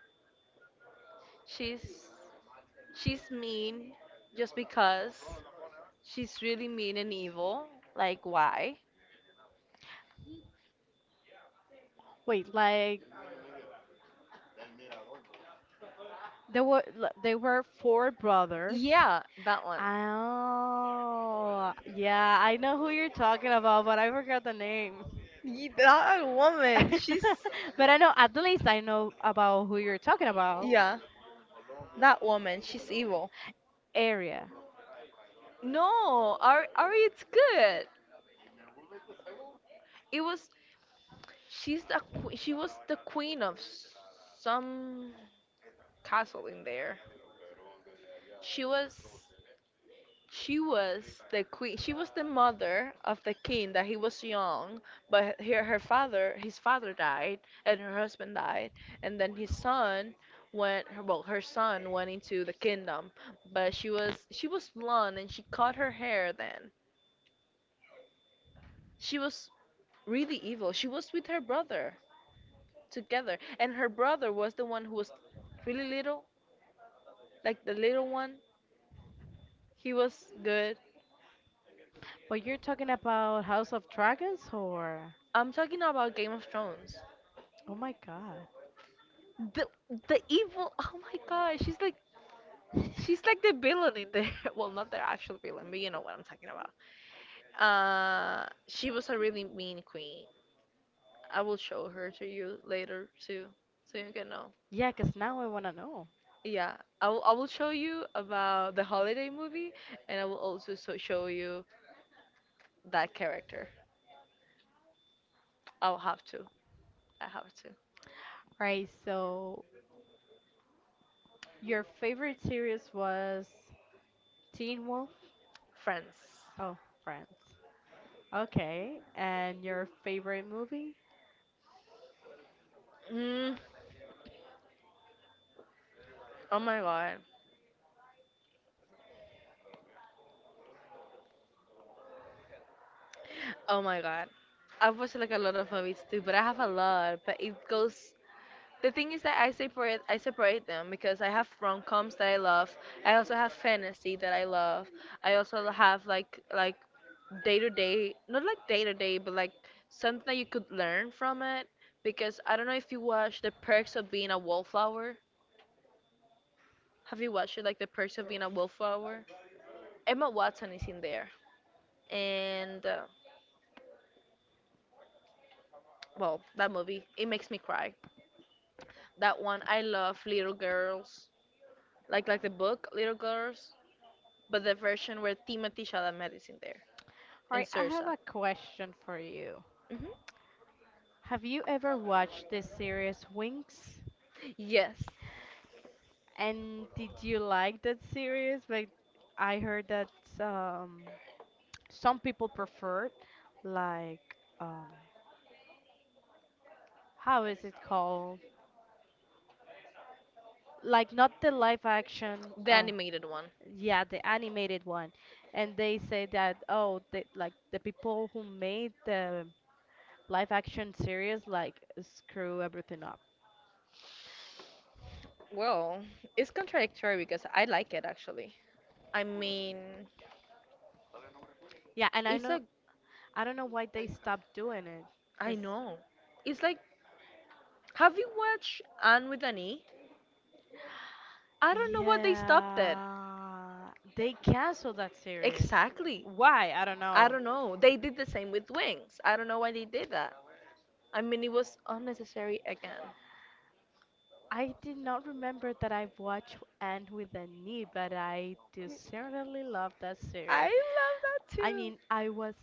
A: She's, she's mean, just because she's really mean and evil. Like, why?
B: Wait, like there were they were four brothers.
A: Yeah, that one.
B: Oh, yeah, I know who you're talking about, but I forgot the name.
A: That woman, she's,
B: But I know at least I know about who you're talking about.
A: yeah, that woman, she's evil.
B: Area.
A: No, Ari, Ari, it's good. It was she was the queen of some castle in there. She was. She was the queen. She was the mother of the king that he was young, but his father died, and her husband died, and then his son went. Well, her son went into the kingdom, but she was blonde and she cut her hair. Then she was really evil. She was with her brother together, and her brother was the one who was really little, like the little one. He was good.
B: But you're talking about House of Dragons or
A: I'm talking about Game of Thrones.
B: oh my god.
A: the the evil, oh my god, she's like the villain in there. Well, not the actual villain, but you know what I'm talking about. Uh, she was a really mean queen. I will show her to you later too, so you can know.
B: Yeah, 'cause now I want to know.
A: Yeah, I will show you about the holiday movie, and I will also so show you that character. I'll have to i have to.
B: Right, so your favorite series was Teen Wolf?
A: Friends.
B: Oh, Friends. Okay, and your favorite movie?
A: mm, oh my god, oh my god. I've watched like a lot of movies too, but I have a lot, but it goes. The thing is that I separate them because I have rom coms that I love. I also have fantasy that I love. I also have like, day to day, not like day to day, but like something that you could learn from it. Because I don't know if you watch The Perks of Being a Wallflower. Have you watched it, like The Perks of Being a Wallflower? Emma Watson is in there, and well, that movie it makes me cry. That one I love, Little Girls, like the book Little Girls, but the version where Timothy Chalamet is in there
B: All
A: and
B: right, I
A: Saoirse.
B: have a question for you.
A: Hmm.
B: Have you ever watched this series Wings?
A: Yes,
B: And did you like that series? Like, I heard that um, some people preferred, like, um, how is it called? Like, not the live action.
A: the animated one.
B: Yeah, the animated one. And they say that, oh, they, like the people who made the live action series, like, screw everything up.
A: Well, it's contradictory because I like it actually. I mean,
B: Yeah, and I
A: it's
B: know,
A: like,
B: I don't know why they stopped doing it.
A: I
B: Cause
A: know. It's like, have you watched Anne with an E? I don't know what they stopped at.
B: yeah, they canceled that series.
A: Exactly.
B: Why? I don't
A: I
B: know.
A: don't know. They did the same with Wings. I don't know why they did that. I mean, it was unnecessary again.
B: I did not remember that I watched Anne with a Knee, but I do certainly love that
A: I
B: series.
A: love that
B: I
A: too.
B: mean, I was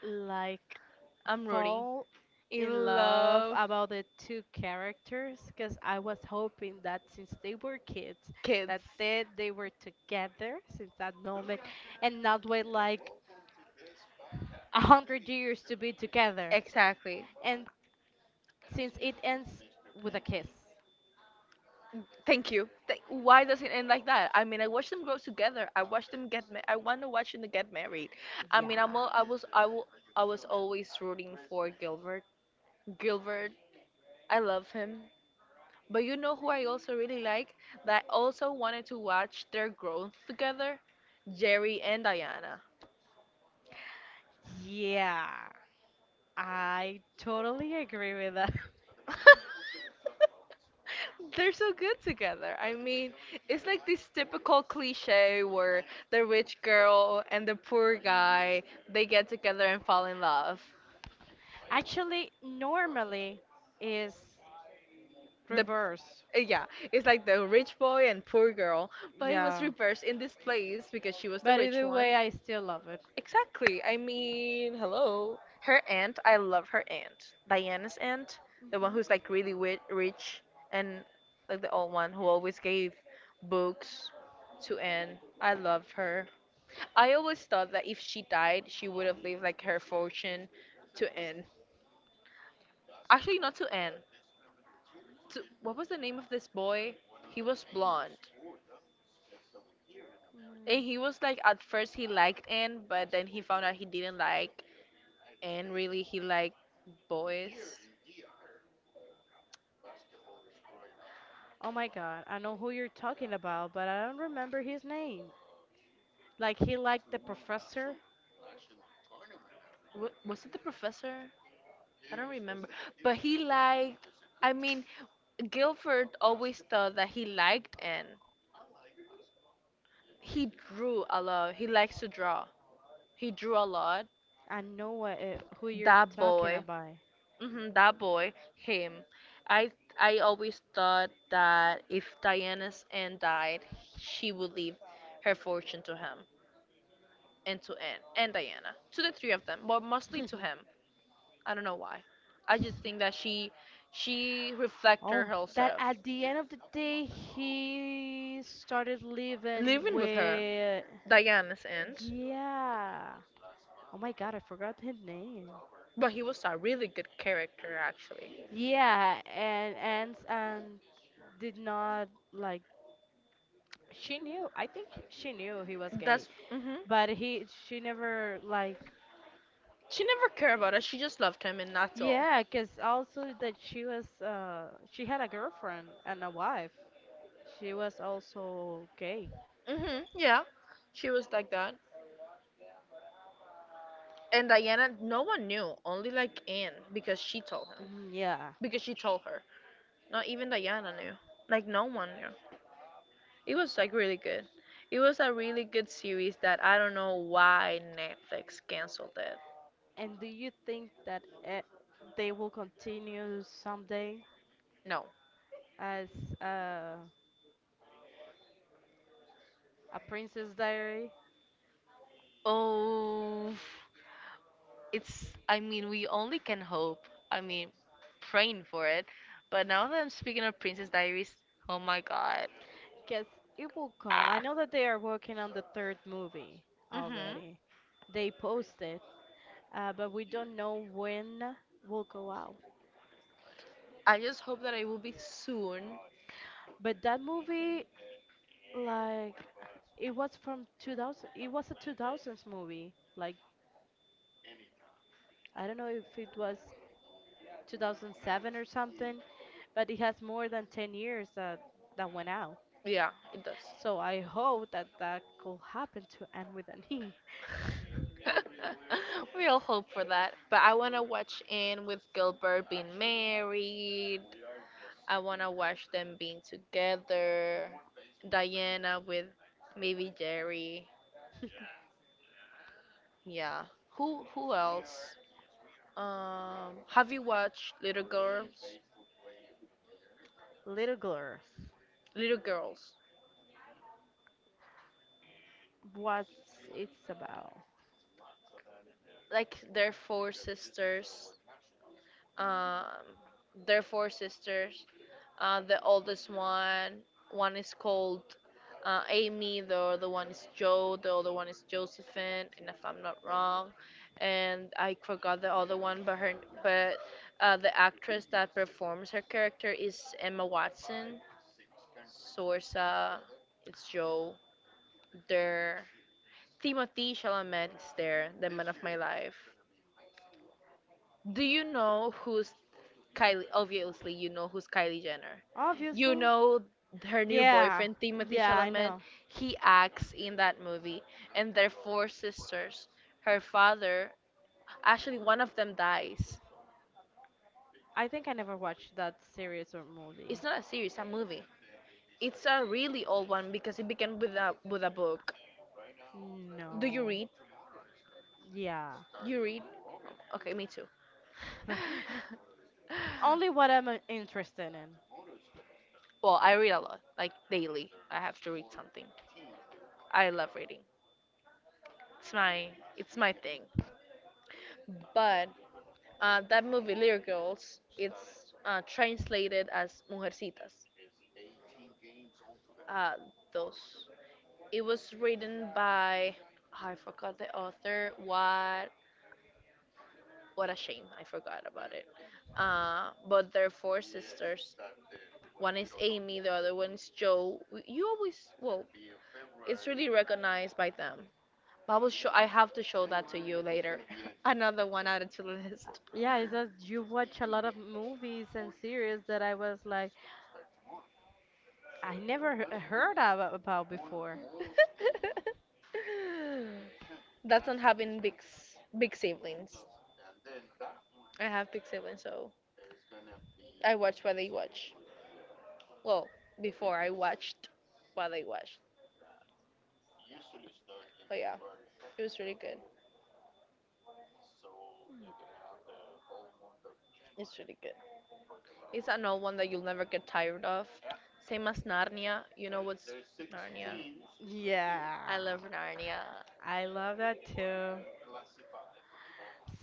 B: like
A: I'm rooting.
B: fall
A: In
B: in love
A: love.
B: about the two characters because I was hoping that since they were kids,
A: Kids.
B: that they were together since that moment and not wait like a hundred years to be together.
A: Exactly.
B: And since it ends with a kiss.
A: Thank you. Why does it end like that? I mean, I watched them grow together. I watched them get. I want to watch them get married. I mean,
B: Yeah.
A: I'm. All, I was. I will. I was always rooting for Gilbert. Gilbert. I love him. But you know who I also really like? That also wanted to watch their growth together. Jerry and Diana.
B: Yeah. I totally agree with that.
A: They're so good together. I mean, it's like this typical cliche where the rich girl and the poor guy, they get together and fall in love.
B: Actually, normally is
A: the
B: reverse.
A: uh, yeah, it's like the rich boy and poor girl, but it was
B: Yeah.
A: reversed in this place because she was the
B: But
A: rich
B: either
A: one.
B: way, I still love it.
A: Exactly. I mean, hello. Her aunt, I love her aunt. Diana's aunt, the one
B: Mhm.
A: who's like really rich and like the old one who always gave books to Anne. I love her. I always thought that if she died, she would have leave like her fortune to Anne. Actually, not to Anne, what was the name of this boy? He was blonde.
B: Mm.
A: And he was like at first he liked Anne, but then he found out he didn't like Anne really. He liked boys.
B: Oh my god, I know who you're talking about, but I don't remember his name. Like he liked the professor.
A: Was it the professor? I don't remember. But he liked, I mean, Guilford always thought that he liked Anne. He drew a lot. He likes to draw. He drew a lot.
B: I know what it, who you're
A: That
B: talking
A: boy.
B: about.
A: That boy, him. I I always thought that if Diana's aunt died, she would leave her fortune to him and to Anne and Diana, to the three of them, but mostly to him. I don't know why. I just
B: Yeah.
A: think that she reflected
B: Oh, that
A: herself
B: at the end of the day he started living
A: living with her,
B: with.
A: Diana's aunt.
B: Yeah. Oh my God, I forgot his name.
A: But he was a really good character, actually.
B: Yeah, and did not like. She knew. I think she knew he was gay,
A: That's mhm.
B: but he she never like.
A: She never cared about us. She just loved him, and that's all.
B: Yeah, 'cause also that she was she had a girlfriend and a wife. She was also gay.
A: Mhm. Yeah. She was like that. And Diana, no one knew. Only like Anne, because she told him.
B: Mm, yeah.
A: Because she told her. Not even Diana knew. Like no one knew. It was like really good. It was a really good series that I don't know why Netflix canceled it.
B: And do you think that they will continue someday
A: No.
B: as uh, a Princess Diary?
A: Oh. It's, I mean, we only can hope, I mean, praying for it. But now that I'm speaking of Princess Diaries, oh my god.
B: Because it will come. I
A: Ah.
B: know that they are working on the third movie
A: Hmm.
B: already. They posted, but we don't know when will go out.
A: I just hope that it will be soon.
B: But that movie, like, it was from 2000. It was a 2000s movie. Like, I don't know if it was 2007 or something, but it has more than 10 years that that went out.
A: Yeah, it does.
B: So I hope that that could happen to end with an E.
A: We all hope for that, but I want to watch in with Gilbert being married. I want to watch them being together. Diana with maybe Jerry. Yeah. Who else? Have you watched Little Girls?
B: Little girls,
A: Little Girls.
B: what's it's about?
A: Like their four sisters. Um, their four sisters. The oldest one, one is called Amy, the other one is Joe, the other one is Josephine, and if I'm not wrong, and I forgot the other one, but her, but the actress that performs her character is Emma Watson. Sorsa, it's Joe. There, Timothy Chalamet is there, the man of my life. Do you know who's Kylie, obviously, you know who's Kylie Jenner. You
B: Obviously.
A: know her new
B: Yeah,
A: boyfriend, Timothy
B: yeah, I
A: Chalamet.
B: know.
A: He acts in that movie, and their four sisters. Her father, actually, one of them dies.
B: I think I never watched that series or movie.
A: It's not a series, a movie. It's a really old one because it began with a book. Do you
B: No.
A: read?
B: Yeah.
A: You read? Okay, me too.
B: Only what I'm interested in.
A: Well, I read a lot, like daily. I have to read something. I love reading. It's my, it's my thing. But that movie, Little Girls, it's translated as Mujercitas. Uh, those. It was written by, I forgot the author. What? What a shame! I forgot about it. But they're four sisters. One is Amy, the other one is Joe. You always, well, it's really recognized by them. But I will show. I have to show that to you later. Another one added to the list.
B: Yeah, it's that you watch a lot of movies and series that I was like, I never heard of, about before.
A: That's not having big siblings. I have big siblings, so I watch what they watch. Well, before I watched what they watched. But yeah, it was really good.
B: Mm.
A: It's really good. It's an old one that you'll never get tired of. Same as Narnia. You know what's Narnia?
B: Yeah,
A: I love Narnia.
B: I love that too.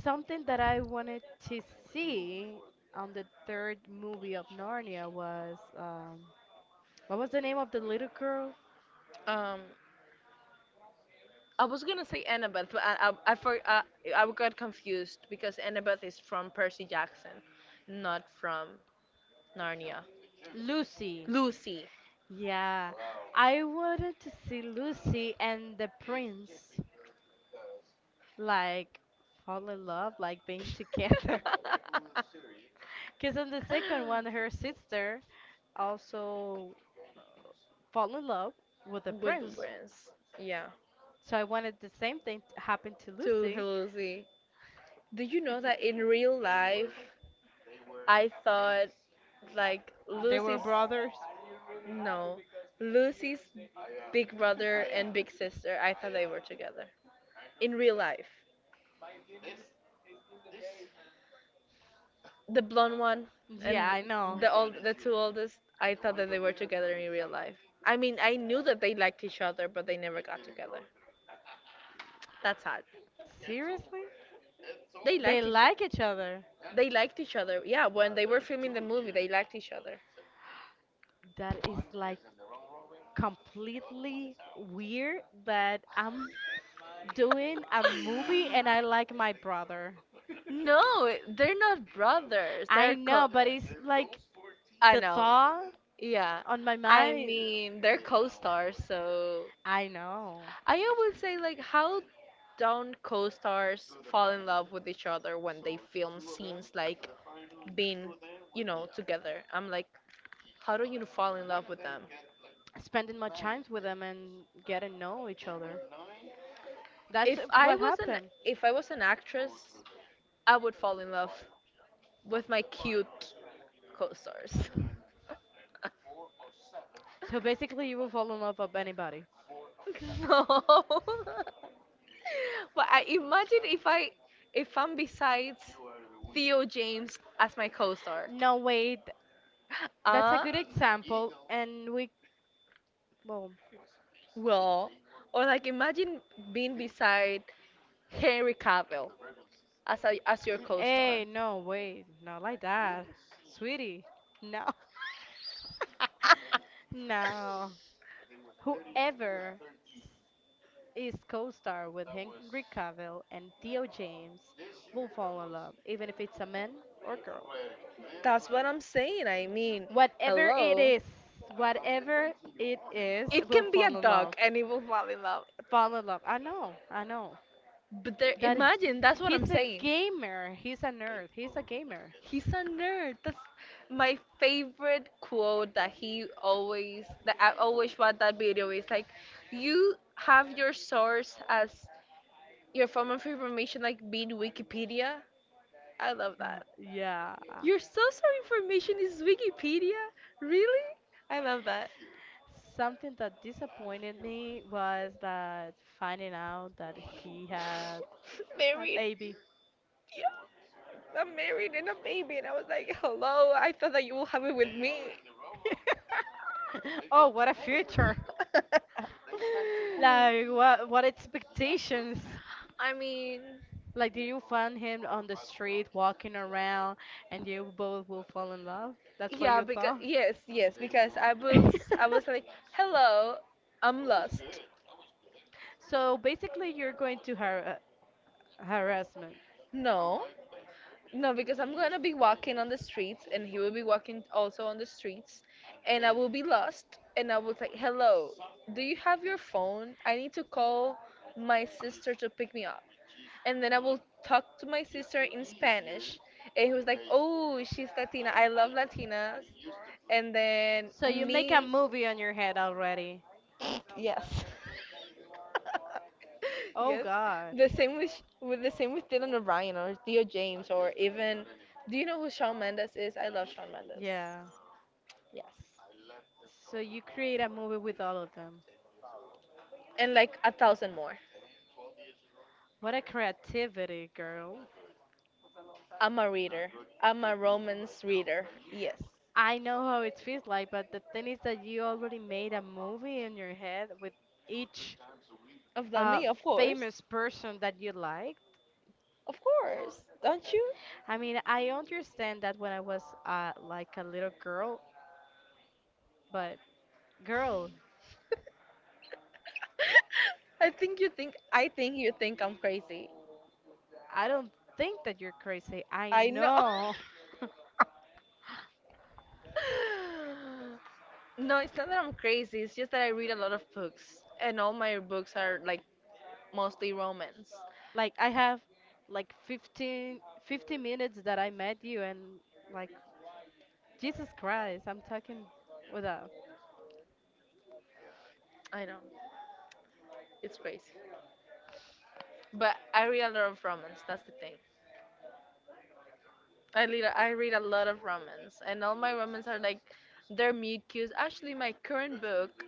B: Something that I wanted to see on the third movie of Narnia was what was the name of the little girl?
A: Um, I was gonna say Annabeth, but I, for, I I got confused because Annabeth is from Percy Jackson, not from Narnia.
B: Lucy.
A: Lucy.
B: Yeah, I wanted to see Lucy and the prince like fall in love, like being together. Because in the second one, her sister also fall in love with the
A: With the
B: prince.
A: brands. Yeah.
B: So I wanted the same thing to happen to
A: To
B: Lucy.
A: Lucy. Do you know that in real life, I thought like
B: They were
A: Lucy's,
B: brothers.
A: no, Lucy's big brother and big sister. I thought they were together in real life. The blonde one
B: Yeah,
A: and
B: I know.
A: the two oldest, I thought that they were together in real life. I mean, I knew that they liked each other but they never got together. That's sad.
B: Seriously?
A: they
B: They
A: liked e,
B: like each other.
A: they liked each other. Yeah, when they were filming the movie they liked each other.
B: That is like completely weird that I'm doing a movie and I like my brother.
A: No, they're not brothers,
B: I
A: they're co.
B: know, but it's like
A: I
B: the
A: know.
B: thought
A: Yeah.
B: on my
A: I
B: mind.
A: mean, they're co-stars. So
B: I know.
A: I always say like how don't co-stars fall in love with each other when they film scenes like being, you know, together. I'm like, how do you fall in love with them?
B: Spending my time with them and getting to know each other. That's
A: If I
B: what
A: was an
B: happened.
A: if I was an actress, I would fall in love with my cute co-stars.
B: So basically, you will fall in love with anybody.
A: No. But I imagine if I, if I'm besides Theo James as my co-star.
B: No, wait, that's a
A: Uh,
B: good example, and we, well,
A: well, or like imagine being beside Henry Cavill as a, as your co-star.
B: hey, no, wait, not like that. Sweetie, no. No. Whoever s- is co-star with Henry Cavill and Theo James will fall in love, even if it's a man or girl.
A: That's what I'm saying. I mean,
B: Whatever it
A: hello.
B: is, whatever it is,
A: It
B: will
A: can be a
B: fall in
A: dog
B: love.
A: and it will fall in love.
B: Fall in love. I know, I know.
A: But there,
B: That
A: imagine that's what
B: he's
A: I'm
B: a
A: saying.
B: gamer. He's a nerd. He's a gamer.
A: He's a nerd. That's my favorite quote that he always, that I always watch that video, is like you have your source as, your form of information like being Wikipedia. I love
B: Yeah,
A: that.
B: yeah.
A: Your source of information is Wikipedia? Really? I love that.
B: Something that disappointed me was that finding out that he had a
A: Married.
B: baby.
A: Yeah. I'm married and a baby. And I was like, hello, I thought that you will have it with me.
B: Oh, what a future! Like, what expectations?
A: I mean,
B: Like, do you find him on the street walking around and you both will fall in love? That's what
A: yeah,
B: you
A: because
B: thought?
A: yes, yes, because I was, I was like, "Hello, I'm lost."
B: So basically, you're going to harassment.
A: No. No, because I'm gonna be walking on the streets and he will be walking also on the streets and I will be lost and I will say, hello, do you have your phone? I need to call my sister to pick me up. And then I will talk to my sister in Spanish and he was like, oh, she's Latina. I love Latinas. And then
B: So you make a
A: me,
B: movie on your head already.
A: yes.
B: Oh
A: Yes.
B: God.
A: The same with the same with Dylan O'Brien or Theo James, or even, do you know who Shawn Mendes is? I love Shawn Mendes.
B: Yeah.
A: Yes.
B: So you create a movie with all of them.
A: And like a thousand more.
B: What a creativity, girl.
A: I'm a reader. I'm a romance reader. Yes.
B: I know how it feels like, but the thing is that you already made a movie in your head with each
A: Of the
B: uh,
A: me, of course.
B: famous person that you like.
A: Of course. Don't you?
B: I mean, I understand that when I was like a little girl, but girl,
A: I think you think I'm crazy.
B: I don't think that you're crazy. I
A: I know.
B: know.
A: No, it's not that I'm crazy. It's just that I read a lot of books and all my books are like mostly romance.
B: Like I have like 15 minutes that I met you and like Jesus Christ, I'm talking with a
A: I know. It's crazy. But I read a lot of romance. That's the thing. I read a lot of romance, and all my romance are like they're mute cues. Actually, my current book,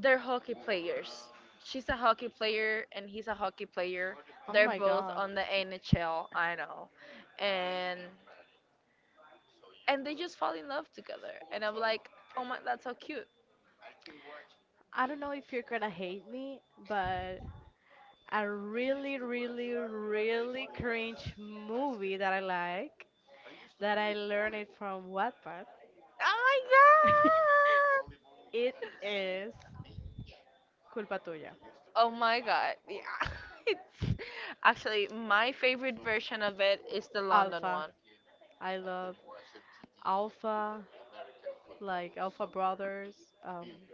A: they're hockey players. She's a hockey player and he's a hockey player.
B: oh
A: They're
B: my
A: both
B: God.
A: on the NHL. I know, and they just fall in love together. And I'm like, oh my, that's so cute.
B: I don't know if you're gonna hate me, but a really, really, really cringe movie that I like, that I learned it from Wattpad,
A: Oh my god.
B: it is Culpa Tuya.
A: Oh my god. Yeah. It's actually my favorite version of it is the London
B: Alpha.
A: one.
B: I love Alpha. Like Alpha Brothers. Um,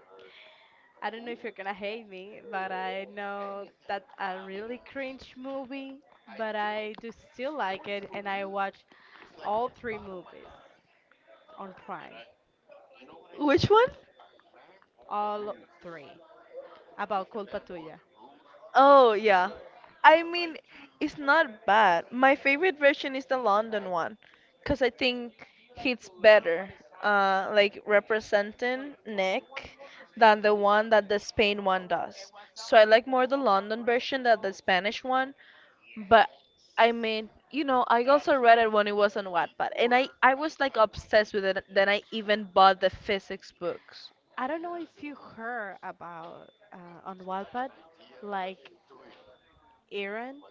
B: I don't know if you're gonna hate me, but I know that a really cringe movie, but I do still like it, and I watch all three movies on Prime,
A: Which one?
B: all three about Culpa Tuya.
A: Oh, yeah. I mean, it's not bad. My favorite version is the London one because I think it's better, like representing Nick than the one that the Spain one does. So I like more the London version than the Spanish one, but I mean, you know, I also read it when it was on Wattpad, and I was like obsessed with it. Then I even bought the physics books.
B: I don't know if you heard about on Wattpad, like Aaron.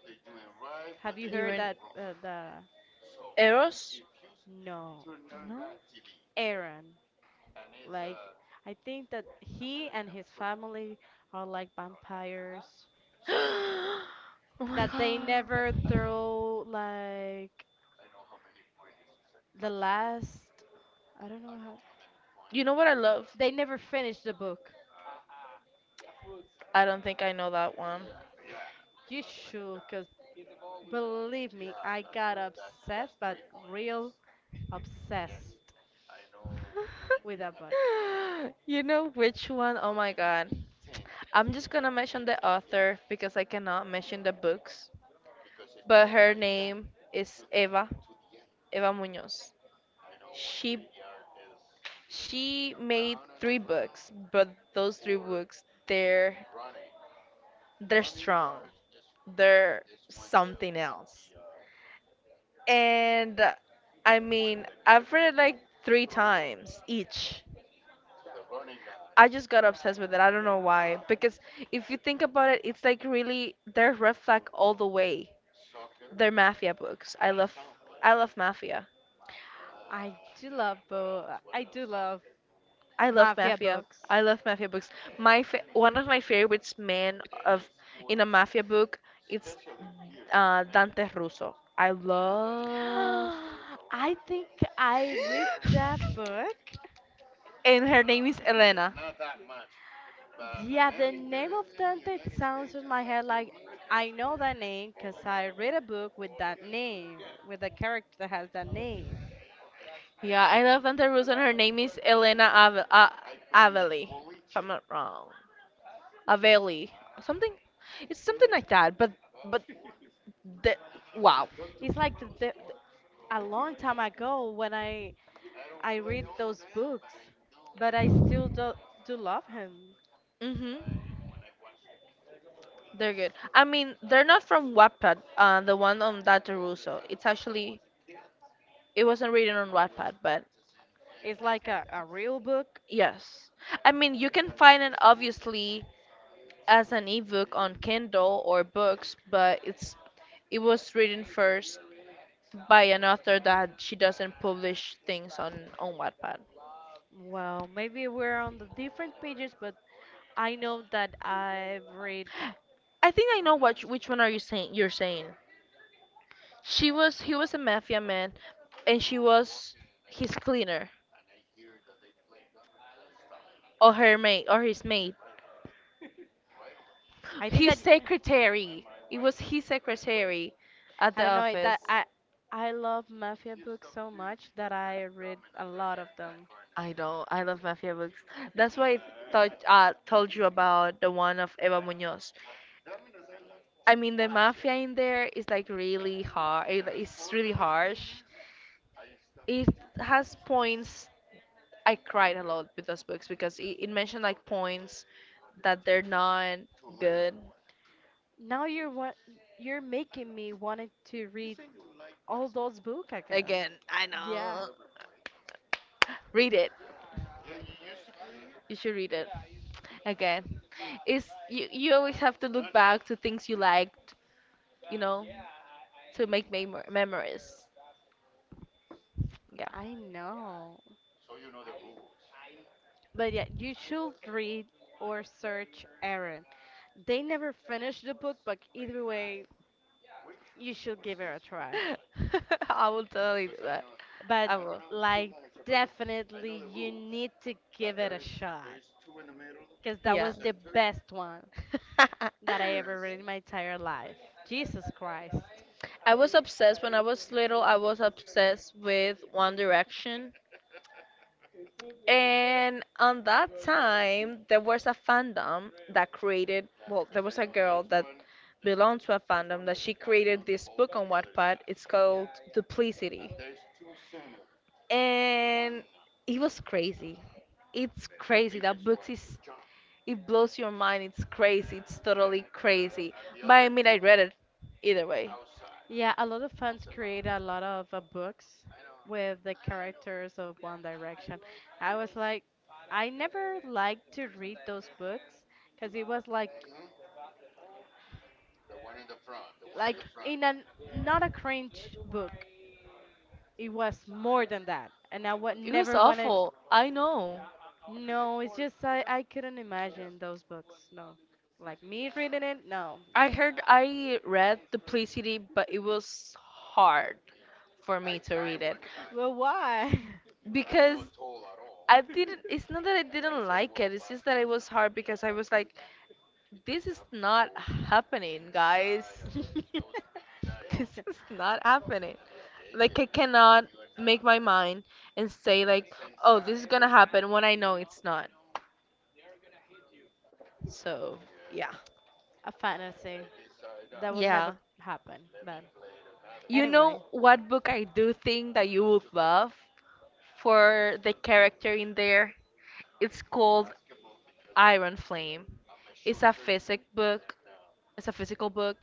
B: Have you heard
A: Even.
B: that the
A: Eros?
B: no
A: No.
B: Aaron? Like, I think that he and his family are like vampires.
A: Oh my
B: That they never
A: god.
B: throw, like, the last. I don't know how.
A: You know what I love?
B: They never finished the book.
A: I don't think I know that one.
B: You should, because believe me, I got obsessed, but real obsessed with that book.
A: You know which one? Oh my god. I'm just gonna mention the author because I cannot mention the books. But her name is Eva, Eva Muñoz. She she made three books, but those three books they're strong. They're something else. And I mean, I've read it like three times each. I just got obsessed with it. I don't know why. Because if you think about it, it's like really they're red flag all the way. They're mafia books. I love mafia.
B: I do love bo- I do love
A: I love
B: mafia
A: mafia.
B: books.
A: I love mafia books. One of my favorites man of, in a mafia book, it's Dante Russo. I love
B: I think I read that book.
A: and her name is Elena.
B: Yeah,
A: Yeah, I love Santa Russo, and her name is Elena Aveli, if I'm not wrong. Aveli, something. It's something like that, but but the, wow. Mhm. They're good. I mean, they're not from Wattpad. The one on Dr. Russo. It's actually it wasn't written on Wattpad, but yes. I mean, you can find it obviously as an ebook on Kindle or books, but it was written first by an author that she doesn't publish things on Wattpad. I think I know what which one are you saying. She was he was a mafia man and she was his cleaner or her maid or his maid. His secretary. It was his secretary at the office. I don't. I love mafia books. That's why I thought, told you about the one of Eva Munoz. I mean, the mafia in there is like really hard. It's really harsh. It has points. I cried a lot with those books because it mentioned like points that they're not good. Again, I know. Read it. You should read it. Again, it's you. You always have to look back to things you liked. You know, to make memories. Yeah, I will totally do that. I will. Yeah. I was obsessed when I was little. I was obsessed with One Direction. And on that time, there was a fandom that created, well, there was a girl that belonged to a fandom that she created this book on Wattpad. It's called Duplicity. And it was crazy. It's crazy. It blows your mind. It's crazy. It's totally crazy. But I mean, I read it either way. It was awful. I know. I read Duplicity, but it was hard for me to read it because I didn't. It's not that I didn't like it. It's just that it was hard because I was like, this is not happening, guys. This is not happening. Like I cannot make my mind and say like, oh, this is gonna happen when I know it's not. So yeah, yeah. You know what book I do think that you would love? For the character in there. It's called Iron Flame. It's a physic book. It's a physical book,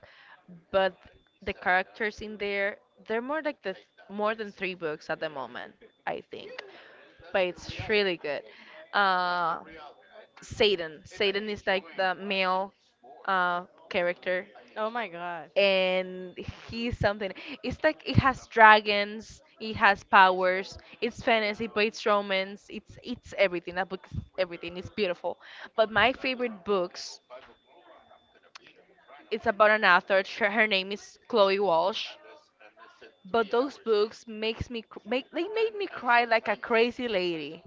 A: but the characters in there, they're more like the more than three books at the moment, I think. But it's really good. Uh, Satan. Satan is like the male, uh, character, and he's something. It's like it has dragons, it has powers, it's fantasy, but it's romance, it's everything. That book is everything. It's beautiful. But my favorite books, it's about an author. Her name is Chloe Walsh. But those books makes me cr- make they made me cry like a crazy lady.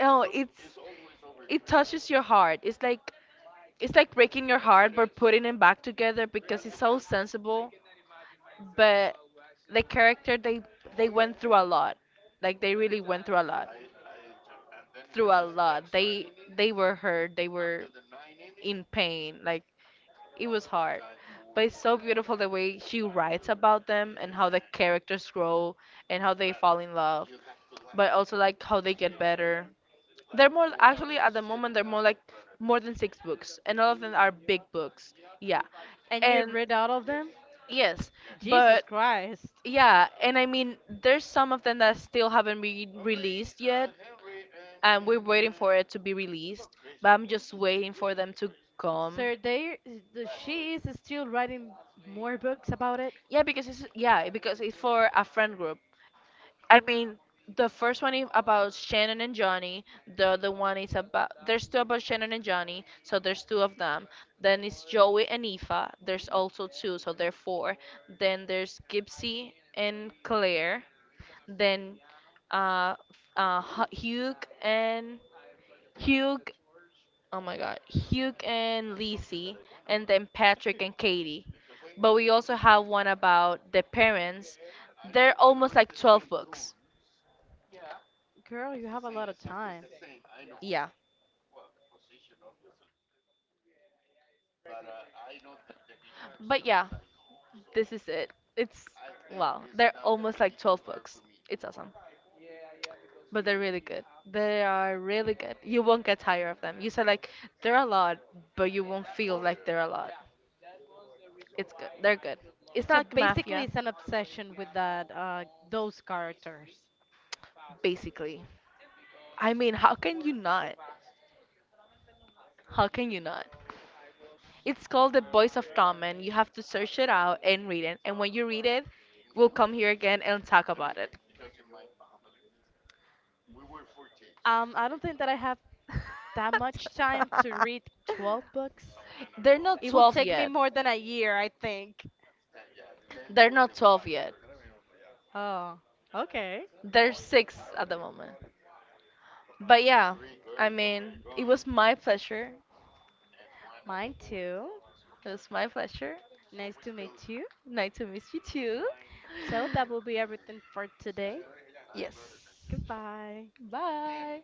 A: Oh, it's it touches your heart. It's like breaking your heart but putting it back together because it's so sensible, but the character they went through a lot. Like they really went through a lot. Through a lot. They were hurt. They were in pain. Like it was hard. But it's so beautiful the way she writes about them and how the characters grow and how they fall in love. But also like how they get better. They're more actually at the moment, they're more like more than six books, and all of them are big books. Yeah. And yes, but yeah, and I mean, there's some of them that still haven't been released yet, and we're waiting for it to be released. But I'm just waiting for them to come. Yeah, because it's for a friend group. I mean, the first one is about Shannon and Johnny. The other one is about There's two about Shannon and Johnny, so there's two of them. Then it's Joey and Aoife. There's also two, so there are four. Then there's Gypsy and Claire. Then, Hugh and Hugh. Oh my God, Hugh and Lizzie, and then Patrick and Katie. But we also have one about the parents. They're almost like 12 books. Yeah. But yeah, this is it. It's wow. They're almost like 12 books. It's awesome. But they're really good. They are really good. You won't get tired of them. You said like they're a lot, but you won't feel like they're a lot. It's good. They're good. It's not like mafia, basically. I mean, how can you not? How can you not? It's called The Voice of Tommen. You have to search it out and read it. And when you read it, we'll come here again and talk about it. They're not 12 yet. They're not 12 yet. They're 6 at the moment. But yeah, I mean, it was my pleasure. It was my pleasure. Nice to meet you too. Yes. Bye.